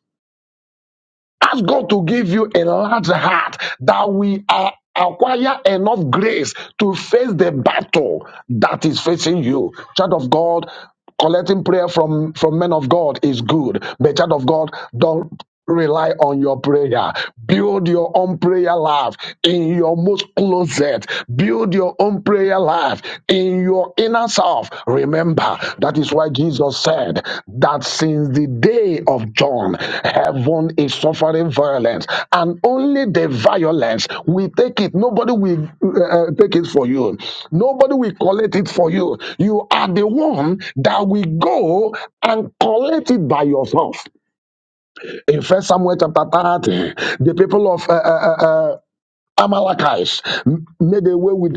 Ask God to give you a large heart that we are acquire enough grace to face the battle that is facing you. Child of God, collecting prayer from, from men of God is good, but child of God, don't rely on your prayer. Build your own prayer life in your most closet. Build your own prayer life earth, in your inner self. Remember, that is why Jesus said that since the day of John, heaven is suffering violence, and only the violence will take it. Nobody will uh, uh, take it for you, nobody will collect it for you. You are the one that will go and collect it by yourself. In First Samuel chapter 30, the people of uh, uh, uh, uh, Amalekites made away with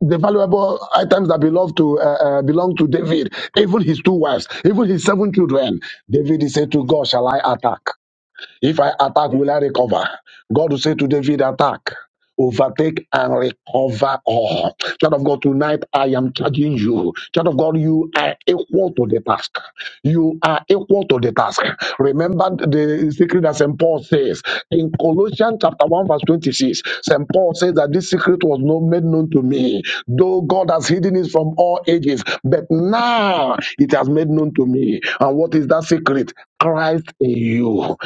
the valuable items that belong to uh, uh, belong to David, even his two wives, even his seven children. David is said to God, "Shall I attack? If I attack, will I recover?" God will say to David, "Attack." overtake and recover all. Child of God, tonight I am charging you. Child of God, you are equal to the task. You are equal to the task. Remember the secret that St. Paul says in Colossians chapter 1, verse 26. St. Paul says that this secret was not made known to me, though God has hidden it from all ages, but now it has made known to me. And what is that secret? Christ in you.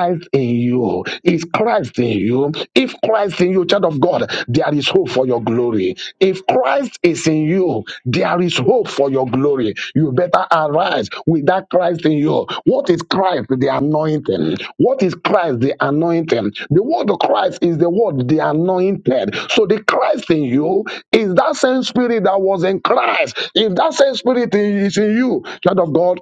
Christ in you, is Christ in you, if Christ in you, child of God, there is hope for your glory. If Christ is in you, there is hope for your glory. You better arise with that Christ in you. What is Christ? The anointing. What is Christ? The anointing. The word of Christ is the word, the anointed. So the Christ in you is that same spirit that was in Christ. If that same spirit is in you, child of God,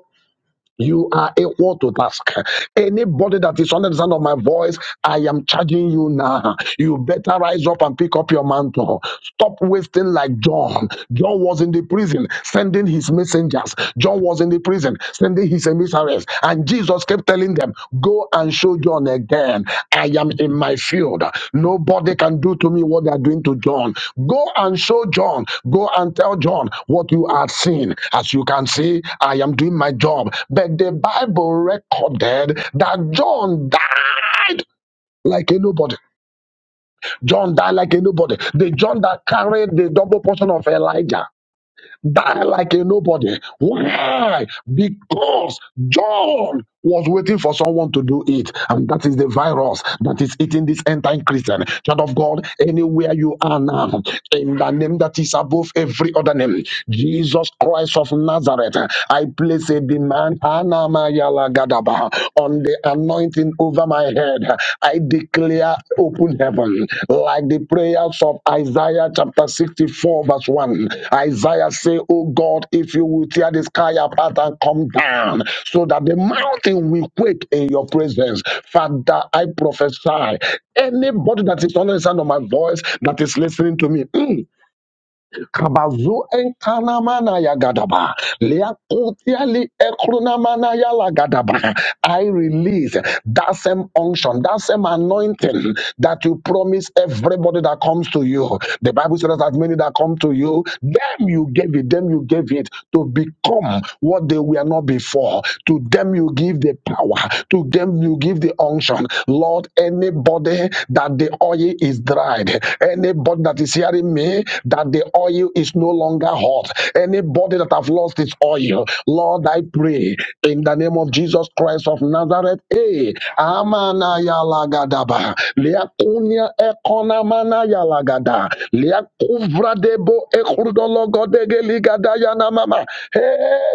you are equal to task. Anybody that is under the sound of my voice, I am charging you now. You better rise up and pick up your mantle. Stop wasting like John. John was in the prison sending his messengers. John was in the prison sending his emissaries. And Jesus kept telling them, Go and show John again. I am in my field. Nobody can do to me what they are doing to John. Go and show John. Go and tell John what you are seeing. As you can see, I am doing my job. But the Bible recorded that John died like a nobody. John died like a nobody. The John that carried the double portion of Elijah die like a nobody. Why? Because John was waiting for someone to do it. And that is the virus that is eating this end time Christian. Child of God, anywhere you are now, in the name that is above every other name, Jesus Christ of Nazareth, I place a demand Anamayalagadaba, on the anointing anointing over my head. I declare open heaven, like the prayers of Isaiah chapter 64, verse 1. Isaiah say, Oh God, if you will tear the sky apart and come down, so that the mountain will quake in your presence. Father, I prophesy. Anybody that is under the sound of my voice that is listening to me. mm, Kabazu enkanamana ya gadaba. Leakotiali ekrunamana ya la gadaba. I release that same unction, that same anointing that you promise everybody that comes to you. The Bible says that as many that come to you, them you gave it, them you gave it to become what they were not before. To them you give the power, to them you give the unction. Lord, Lord, anybody that the oil is dried, anybody that is hearing me that the oil is no longer hot, anybody that have lost its oil, Lord, I pray in the name of Jesus Christ of Nazareth. Hey, amana yalagadaba, liakunia ekona mana yalagada, liakuvradebo ekurdologodegeligada yanamama. Hey,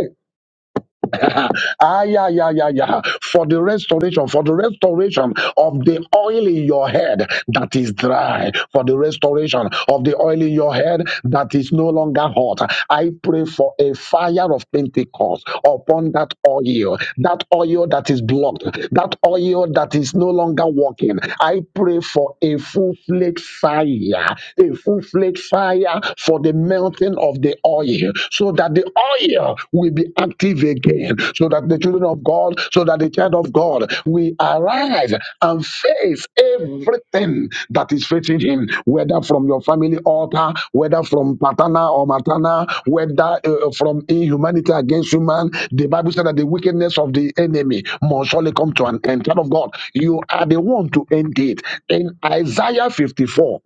ah, yeah, yeah, yeah, yeah. For the restoration, for the restoration of the oil in your head that is dry, for the restoration of the oil in your head that is no longer hot. I pray for a fire of Pentecost upon that oil, that oil that is blocked, that oil that is no longer working. I pray for a full flaked fire, a full flaked fire for the melting of of the oil so that the oil will be active again, so that the children of God, so that the child of God will arise and face everything that is facing him, whether from your family altar, whether from paternal or maternal, whether uh, from inhumanity against human. The Bible said that the wickedness of the enemy must surely come to an end. Child of God, you are the one to end it. In Isaiah 54,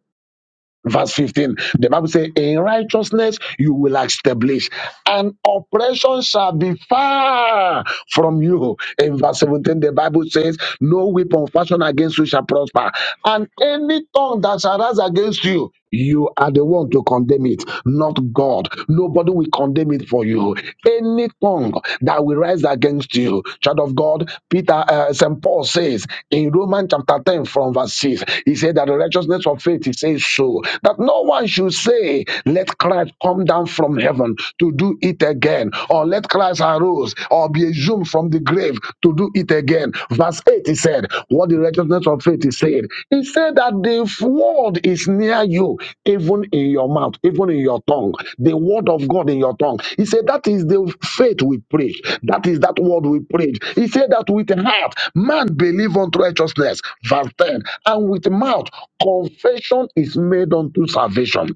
verse 15 the bible says in righteousness you will establish and oppression shall be far from you in verse 17 the bible says no weapon fashioned against you shall prosper and any tongue that shall rise against you you are the one to condemn it, not God. Nobody will condemn it for you. Any tongue that will rise against you, child of God, Peter, uh, St. Paul says in Romans chapter 10, from verse 6, he said that the righteousness of faith, he says so, that no one should say, Let Christ come down from heaven to do it again, or let Christ arose or be exhumed from the grave to do it again. Verse 8, he said, What the righteousness business of faith is saying. He said that the word is near you, even in your mouth, even in your tongue. The word of God in your tongue. He said that is the faith we preach. That is that word we preach. He said that with the heart, man believe unto righteousness. Verse 10. And with mouth, confession is made unto salvation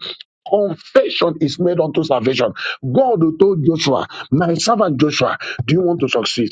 confession is made unto salvation. God told Joshua, My servant Joshua, do you want to succeed?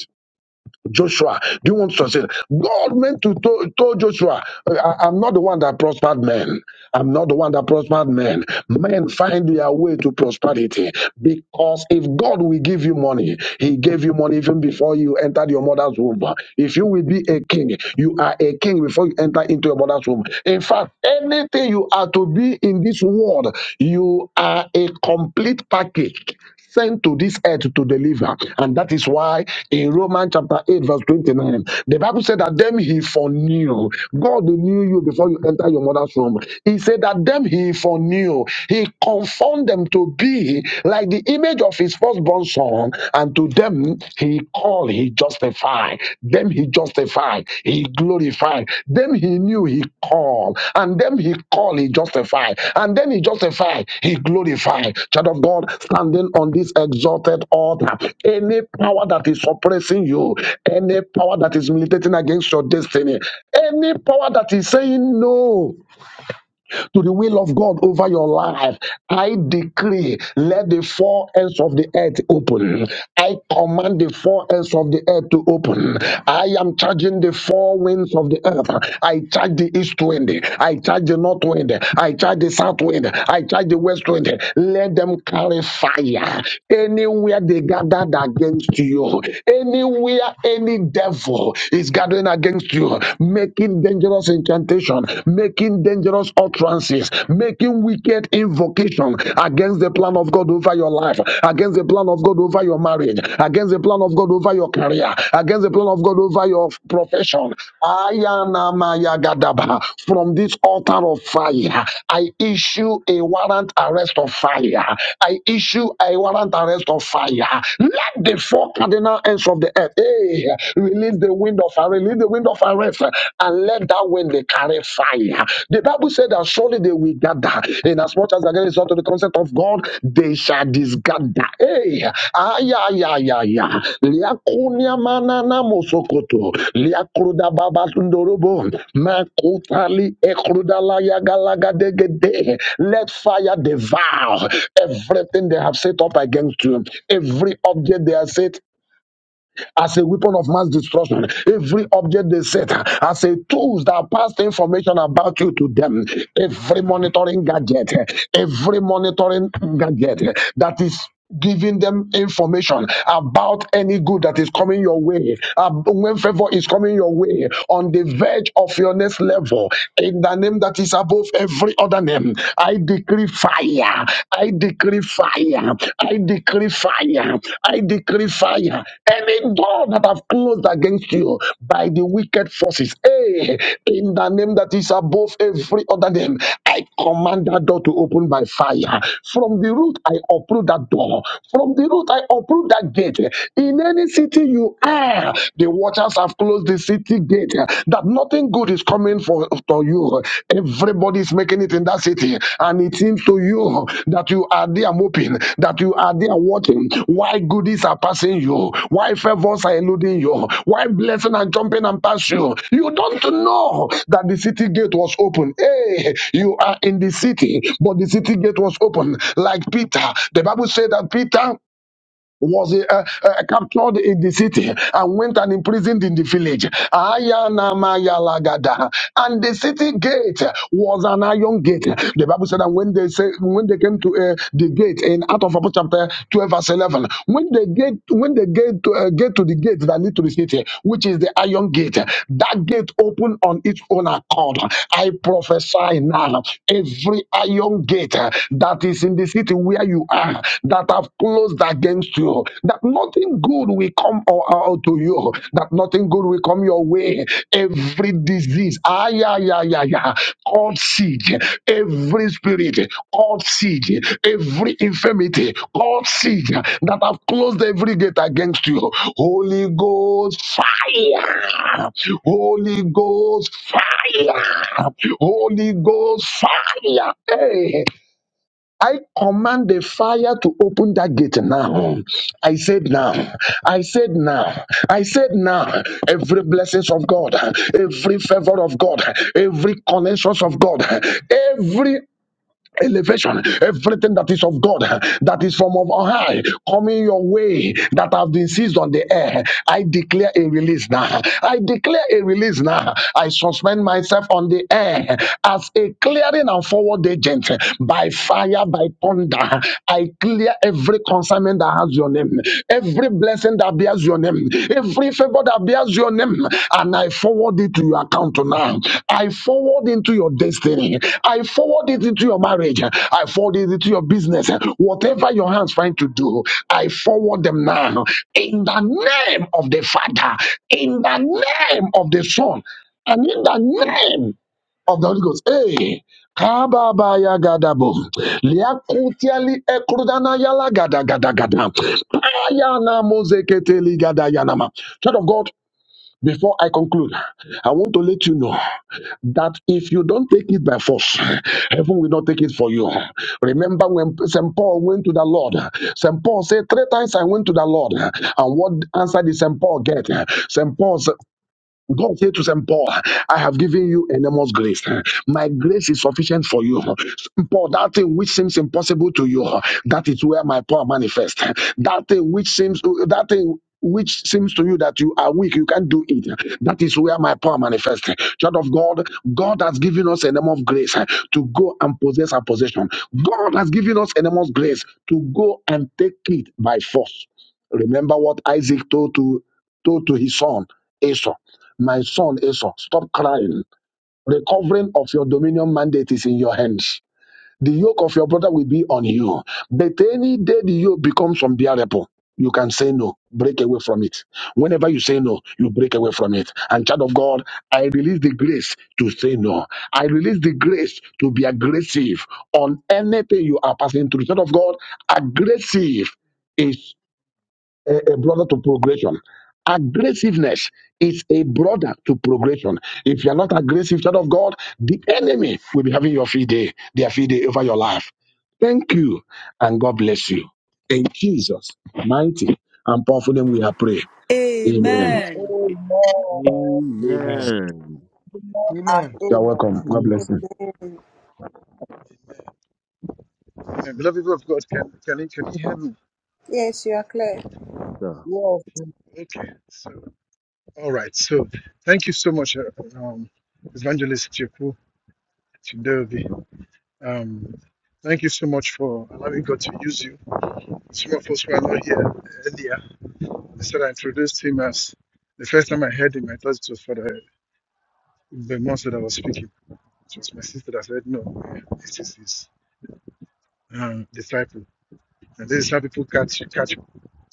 Joshua, do you want to succeed? God meant to to- told Joshua, I, am not the one that prospered men. I'm not the one that prospered men. Men find their way to prosperity because if God will give you money, He gave you money even before you entered your mother's womb. If you will be a king, you are a king before you enter into your mother's womb. In fact, anything you are to be in this world, you are a complete package sent to this earth to deliver. And that is why in Romans chapter 8, verse 29, the Bible said that them he foreknew. God knew you before you enter your mother's womb. He said that them he foreknew. He conformed them to be like the image of his firstborn son, and to them he called, he justified. Them he justified, he glorified. Them he knew, he called. And them he called, he justified. And then he justified, he glorified. Child of God, standing on this exalted altar, any power that is oppressing you, any power that is militating against your destiny, any power that is saying no to the will of God over your life. I decree, let the four ends of the earth open. I command the four ends of the earth to open. I am charging the four winds of the earth. I charge the east wind. I charge the north wind. I charge the south wind. I charge the west wind. Let them carry fire. Anywhere they gathered against you, anywhere any devil is gathering against you, making dangerous dangerous incantation, making dangerous utterances, making wicked invocation against the plan of God over your life, against the plan of God over your marriage, against the plan of God over your career, against the plan of God over your profession. Ayanamayagadabaha. From this altar of fire, I issue a warrant arrest of fire. I issue a warrant arrest of fire. Let the four cardinal ends of the earth hey, release the wind of arrest, leave the wind of arrest, uh, and let that wind they carry fire. The Bible said that surely they will gather, in as much as again is unto the concept of God, they shall disgather. Hey, ah, yeah, yeah, yeah, yeah. Liakunia manana mosokoto, liakruda baba makutali ekrudala yagalaga Let fire devour everything they have set up against you, every object they have set as a weapon of mass destruction. Every object they set as a tools that passed information about you to them. Every monitoring gadget, every monitoring gadget that is giving them information about any good that is coming your way, uh, when favor is coming your way, on the verge of your next level, in the name that is above every other name, I decree fire fire. I decree fire. I decree fire. I decree fire. Any door that have closed against you by the wicked forces, hey, in the name that is above every other name, I command that door to open by fire. From the root, I uproot that door. From the root, I uproot that gate. In any city you are, the watchers have closed the city gate uh, that nothing good is coming for to you. Everybody is making it in that city, and it seems to you that you are there moping, that you are there watching. Why goodies are passing you? Why favors are eluding you? Why blessing and jumping and pass you? You don't know that the city gate was open. Hey, you are in the city, but the city gate was open. Like Peter, the Bible said that Peter was uh, uh, captured in the city and went and imprisoned in the village. Ayanamayalagada. And the city gate was an iron gate. The Bible said that when they say, when they came to uh, the gate in Acts of Apostles chapter 12 verse 11, when the gate when the gate to, uh, get to the gate that lead to the city, which is the iron gate, that gate opened on its own accord. I prophesy now every iron gate that is in the city where you are that have closed against you, that nothing good will come o- out to you, that nothing good will come your way. Every disease, ah, yeah, yeah, yeah, yeah, called siege, every spirit called siege, every infirmity called siege that have closed every gate against you. Holy Ghost fire, Holy Ghost fire, Holy Ghost fire. Hey. I command the fire to open that gate now. I said now. I said now. I said now. Every blessings of God, every favor of God, every connections of God, every elevation, everything that is of God, that is from of on high, coming your way, that have been seized on the air. I declare a release now. I declare a release now. I suspend myself on the air as a clearing and forward agent by fire, by thunder. I clear every consignment that has your name, every every blessing that bears your name, every favor that bears your name, and I forward it to your account now. I forward into your destiny. I forward it into your marriage. I forward it into your business. Whatever your hands find to do, I forward them now. In the name of the Father, in the name of the Son, and in the name of the Holy Ghost. Hey, kababaya gadabo, liakutiali ekrudana yala gada gada gada, ayana mozeketeli gada yanama. Child of God, before I conclude, I want to let you know that if you don't take it by force, heaven will not take it for you. Remember when St. Paul went to the Lord, St. Paul said, Three times I went to the Lord, and what answer did St. Paul get? St. Paul God said to St. Paul, I have given you enormous grace. My grace is sufficient for you. St. Paul, that thing which seems impossible to you, that is where my power manifests. That thing which seems, that thing which seems to you that you are weak, you can't do it. That is where my power manifests. Child of God, God has given us enormous grace to go and possess our possession. God has given us enormous grace to go and take it by force. Remember what Isaac told to told to his son Esau. My son Esau, stop crying. Recovering of your dominion mandate is in your hands. The yoke of your brother will be on you. But any day the yoke becomes unbearable, you can say no, break away from it. Whenever you say no, you break away from it. And child of God, I release the grace to say no. I release the grace to be aggressive on anything you are passing through. Child of God, aggressive is a, a brother to progression. Aggressiveness is a brother to progression. If you're not aggressive, child of God, the enemy will be having your free day, their free day over your life. Thank you, and God bless you. In Jesus' mighty and powerful name, we are pray. Amen.
Amen.
Amen.
Amen.
Amen.
Amen and
Amen.
You're
amen.
welcome. God bless
Amen.
you.
Amen.
And beloved people of God, can can you, can you hear me?
Yes, you are clear.
Yes, sir.
Yes.
Okay. So, all right. So, thank you so much, uh, um, Evangelist Chipu Chidobi. Um, thank you so much for allowing God to use you. Some of us were not here earlier. I said I introduced him as the first time I heard him, I thought it was for the, the monster that was speaking. It was my sister that said, "No, this is his um, disciple." And this is how people catch catch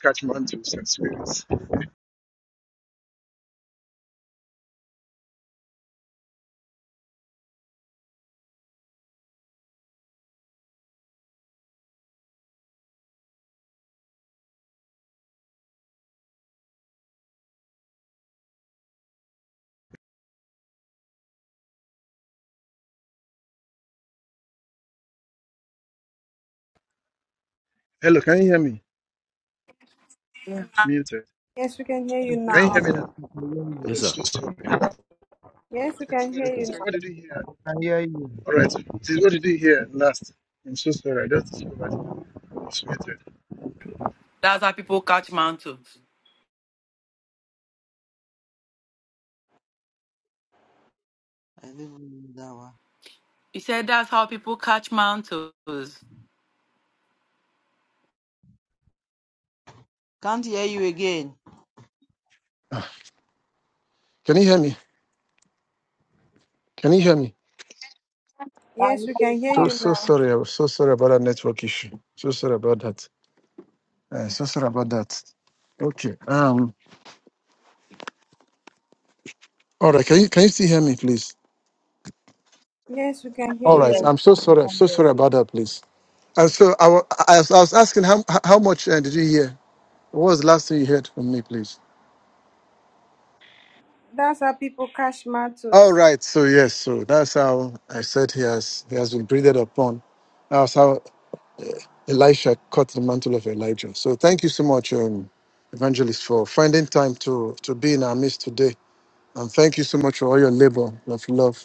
catch mantles and spirits. Hello, can you hear me?
Yeah.
It's muted.
Yes, we can hear you
Can you
now.
hear me
Yes,
now?
yes, I can hear you.
Yes,
It's
sir.
just so sorry,
Yes, we can
Yes,
hear you
sir.
sorry.
now.
What did you hear?
I hear you.
All right. This is what did you hear last? I'm so sorry. I just discovered it was muted.
That's how people catch mountains.
I don't know that one.
He said that's how people catch mountains.
Can't hear you again.
Can you hear me? Can you hear me?
Yes,
And
we
yes,
can hear
So
you
so
now.
sorry. I was so sorry about that network issue. So sorry about that. Uh, so sorry about that. Okay. Um. All right. Can you can you still hear me, please?
Yes, we can hear
All right.
yes,
you.
I'm so sorry.
I
I'm so
hear
sorry
you.
about that, please. And so I, wa- I, was- I was asking how how much uh, did you hear? What was the last thing you heard from me, please?
That's how people catch
All
matters.
right. So yes. So that's how I said he has he has been breathed upon. That's how uh, Elisha caught the mantle of Elijah. So thank you so much, um, Evangelist, for finding time to to be in our midst today, and thank you so much for all your labor of love.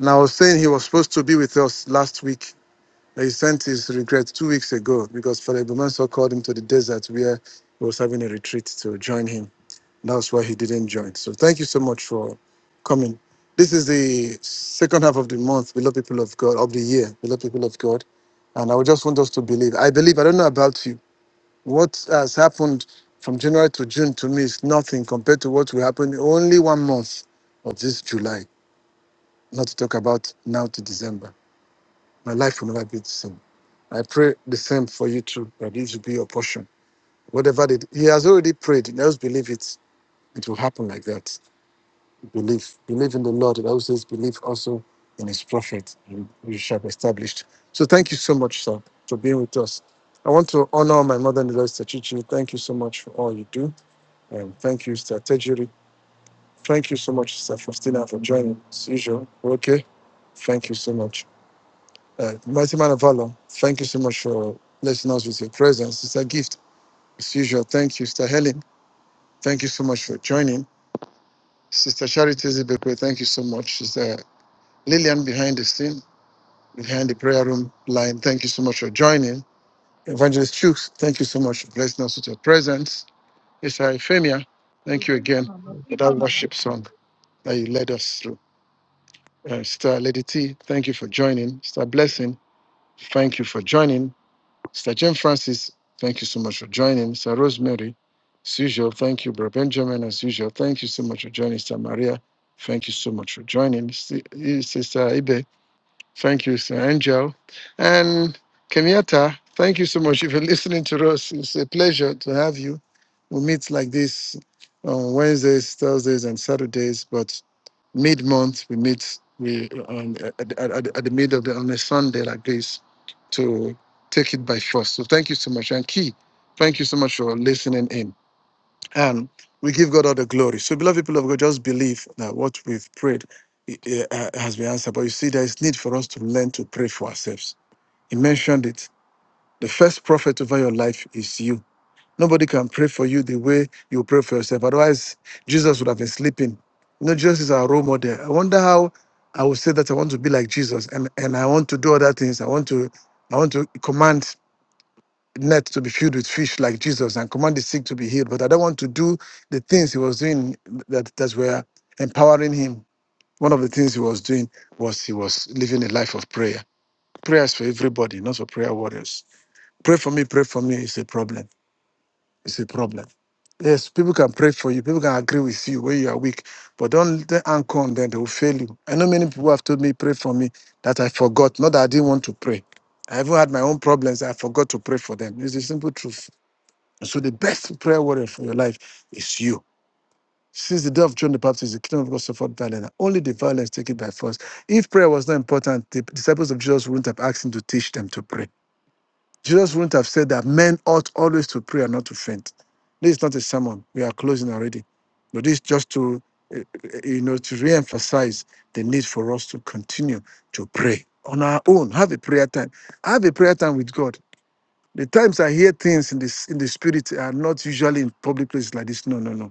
And I was saying he was supposed to be with us last week. He sent his regrets two weeks ago because Father Bumanso called him to the desert where he was having a retreat to join him. That's why he didn't join. So thank you so much for coming. This is the second half of the month, beloved people of God, of the year, beloved people of God. And I would just want us to believe. I believe, I don't know about you. What has happened from January to June to me is nothing compared to what will happen in only one month of this July, not to talk about now to December. My life will never be the same. I pray the same for you too, that this will be your portion. Whatever it, he has already prayed, just believe it. It will happen like that Believe. Believe in the Lord. The also says, believe also in his prophet, and you shall be established. So thank you so much, sir, for being with us. I want to honor my mother in the Lord, Sister Chichi. Thank you so much for all you do. And thank you, Sister Tejiri. Thank you so much, Sister Faustina, for joining as usual. Okay. Thank you so much. Uh, mighty man of valor, thank you so much for blessing us with your presence. It's a gift. As usual, thank you, Sister Helen. Thank you so much for joining. Sister Charity Zibekwe, thank you so much. Lillian behind the scene, behind the prayer room line, thank you so much for joining. Evangelist Chooks, thank you so much for blessing us with your presence. Sister Ephemia, thank you again for that worship song that you led us through. Uh, Sister Lady T, thank you for joining. Sister Blessing, thank you for joining. Sister Jane Francis, thank you so much for joining. Sister Rosemary, as usual, thank you. Brother Benjamin, as usual, thank you so much for joining. Sister Maria, thank you so much for joining. Si- Sister Ibe, Thank you, Sir Angel. And Kenyatta, thank you so much. If you're listening to us, it's a pleasure to have you. We meet like this on Wednesdays, Thursdays, and Saturdays, but mid month, we meet we um, at, at, at at the middle of the, on a Sunday like this to take it by force. So thank you so much. And Key, thank you so much for listening in and we give God all the glory. So, beloved people of God, just believe that what we've prayed eh, eh, uh, has been answered. But you see, there is need for us to learn to pray for ourselves. He mentioned it. The first prophet over your life is you. Nobody can pray for you the way you pray for yourself. Otherwise, Jesus would have been sleeping. You know, Jesus is our role model. I wonder how I would say that I want to be like Jesus and, and I want to do other things. I want to I want to command net to be filled with fish like Jesus and command the sick to be healed. But I don't want to do the things he was doing that, that were empowering him. One of the things he was doing was he was living a life of prayer. Prayers for everybody, not for prayer warriors. Pray for me, pray for me is a problem. It's a problem. Yes, people can pray for you. People can agree with you when you are weak, but don't let them anchor on them. They will fail you. I know many people have told me, pray for me, that I forgot. Not that I didn't want to pray. I even had my own problems. I forgot to pray for them. It's the simple truth and So the best prayer warrior for your life is you. Since the day of John the Baptist, the kingdom of God suffered violence. and Only the violence taken by force. If prayer was not important, the disciples of Jesus wouldn't have asked him to teach them to pray. Jesus wouldn't have said that men ought always to pray and not to faint. This is not a sermon. We are closing already. But this is just to, eh, eh, you know, to re-emphasize the need for us to continue to pray on our own. Have a prayer time. Have a prayer time with God the times I hear things in this in the spirit are not usually in public places like this. No, no, no.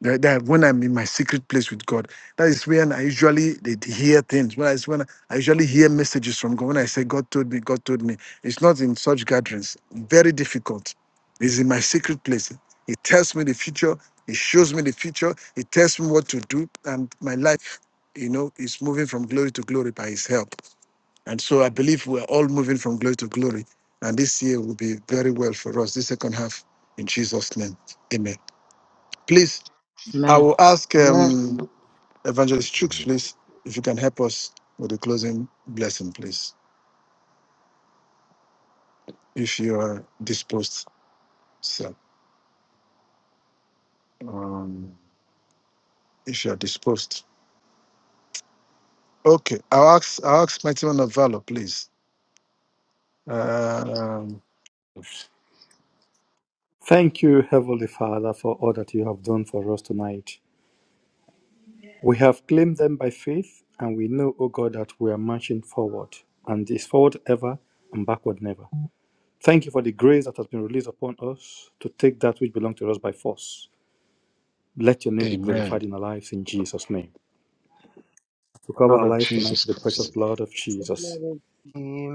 That, that when I'm in my secret place with God, that is when I usually they they hear things. When I, when I, I usually hear messages from God. When I say God told me, God told me, it's not in such gatherings. Very difficult. It's in my secret place. It tells me the future. It shows me the future. It tells me what to do, and my life, you know, is moving from glory to glory by His help. And so I believe we're all moving from glory to glory. And this year will be very well for us, this second half, in Jesus' name. Amen. Please, I
Amen.
will ask
Amen.
um, Evangelist Chooks,
Amen.
please, if you can help us with the closing blessing, please, if you are disposed, sir. Um, if you are disposed. Okay, I'll ask, I'll ask Mighty One of Valor, please. Um,
Thank you, Heavenly Father, for all that you have done for us tonight. We have claimed them by faith, and we know, O God, that we are marching forward, and is forward ever and backward never. Thank you for the grace that has been released upon us to take that which belongs to us by force. Let your name be glorified
amen.
in our lives in Jesus' name. To cover
Lord
our
of
lives tonight
Jesus
with the precious
Christ.
Lord
blood of Jesus.
Glory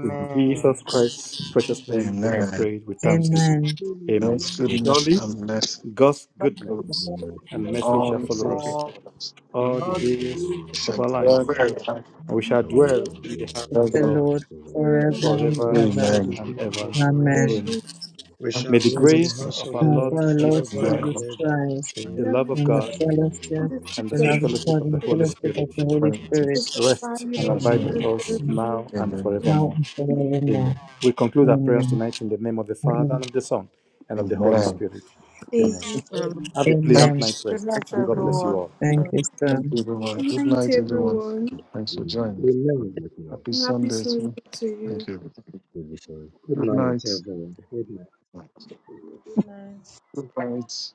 In
Jesus
Jesus
Christ.
Christ's precious name, we have
Amen.
prayed with thanksgiving.
Amen.
to
Amen.
you.
God's goodness
Surely
and
Amen.
mercy.
God's goodness
Lord.
Continue us
and
from
Bless
the fish
mercy
of
shall
all
the Lord,
follow us
faithfulness.
all
Amen.
the
all
all
the
the
days
glory
saints.
of
Jesus,
of
our
now,
our
life,
Lord,
apprentice,
and we shall
and
I
we
dwell
bless
shall
in
be
the house
able to
of the
The
Amen.
Lord
of
Lord
the Lord.
forever
Forever.
the
and
For
forever
Amen.
ever.
so
Amen.
the
Amen.
and
days
ever.
of our
Amen.
lives,
Amen.
Amen.
we shall
May the
dwell in the
grace
house
of
of
our
the
Now
Lord
Lord
for our Lord
Jesus
forever
Christ,
and
Jesus
ever.
Christ
the
Christ,
Amen.
Love
love
you.
of
and
so
the
God,
and the Lord of
fellowship,
The
God,
and
sweet
the
the
sweet
love
on
of
fellowship.
the
fellowship
God
of
and
the
the
peace,
Holy
worship
fellowship
of
Spirit
of
the
the
Holy
Holy
Spirit,
Spirit
Just by
rest
you,
is
and
and the
those
abide
now
with
power of the
us
and
Holy
forevermore.
now and
now and
now
forevermore.
forevermore.
and forevermore.
Amen.
Amen.
We conclude our prayers
Amen.
tonight in the name of the Father, and
Amen.
of the Son, and of the Holy Spirit. Amen.
Amen.
Amen.
Lord.
Have a
Amen.
pleasant
Thanks.
night's rest,
Thank you.
and God bless
Amen.
everyone.
you all.
Thank you,
Thank
sir.
you, everyone.
Good
Good
night,
Thank
night,
you so
everyone.
much.
everyone.
Thanks
Good
for
night.
joining.
God
Amen.
bless you all.
Happy
Happy
Sunday,
Sunday
too.
to you.
Thank you. everybody.
Good vision.
Good
Good
night,
night.
everyone. Good night.
Amen.
Good night.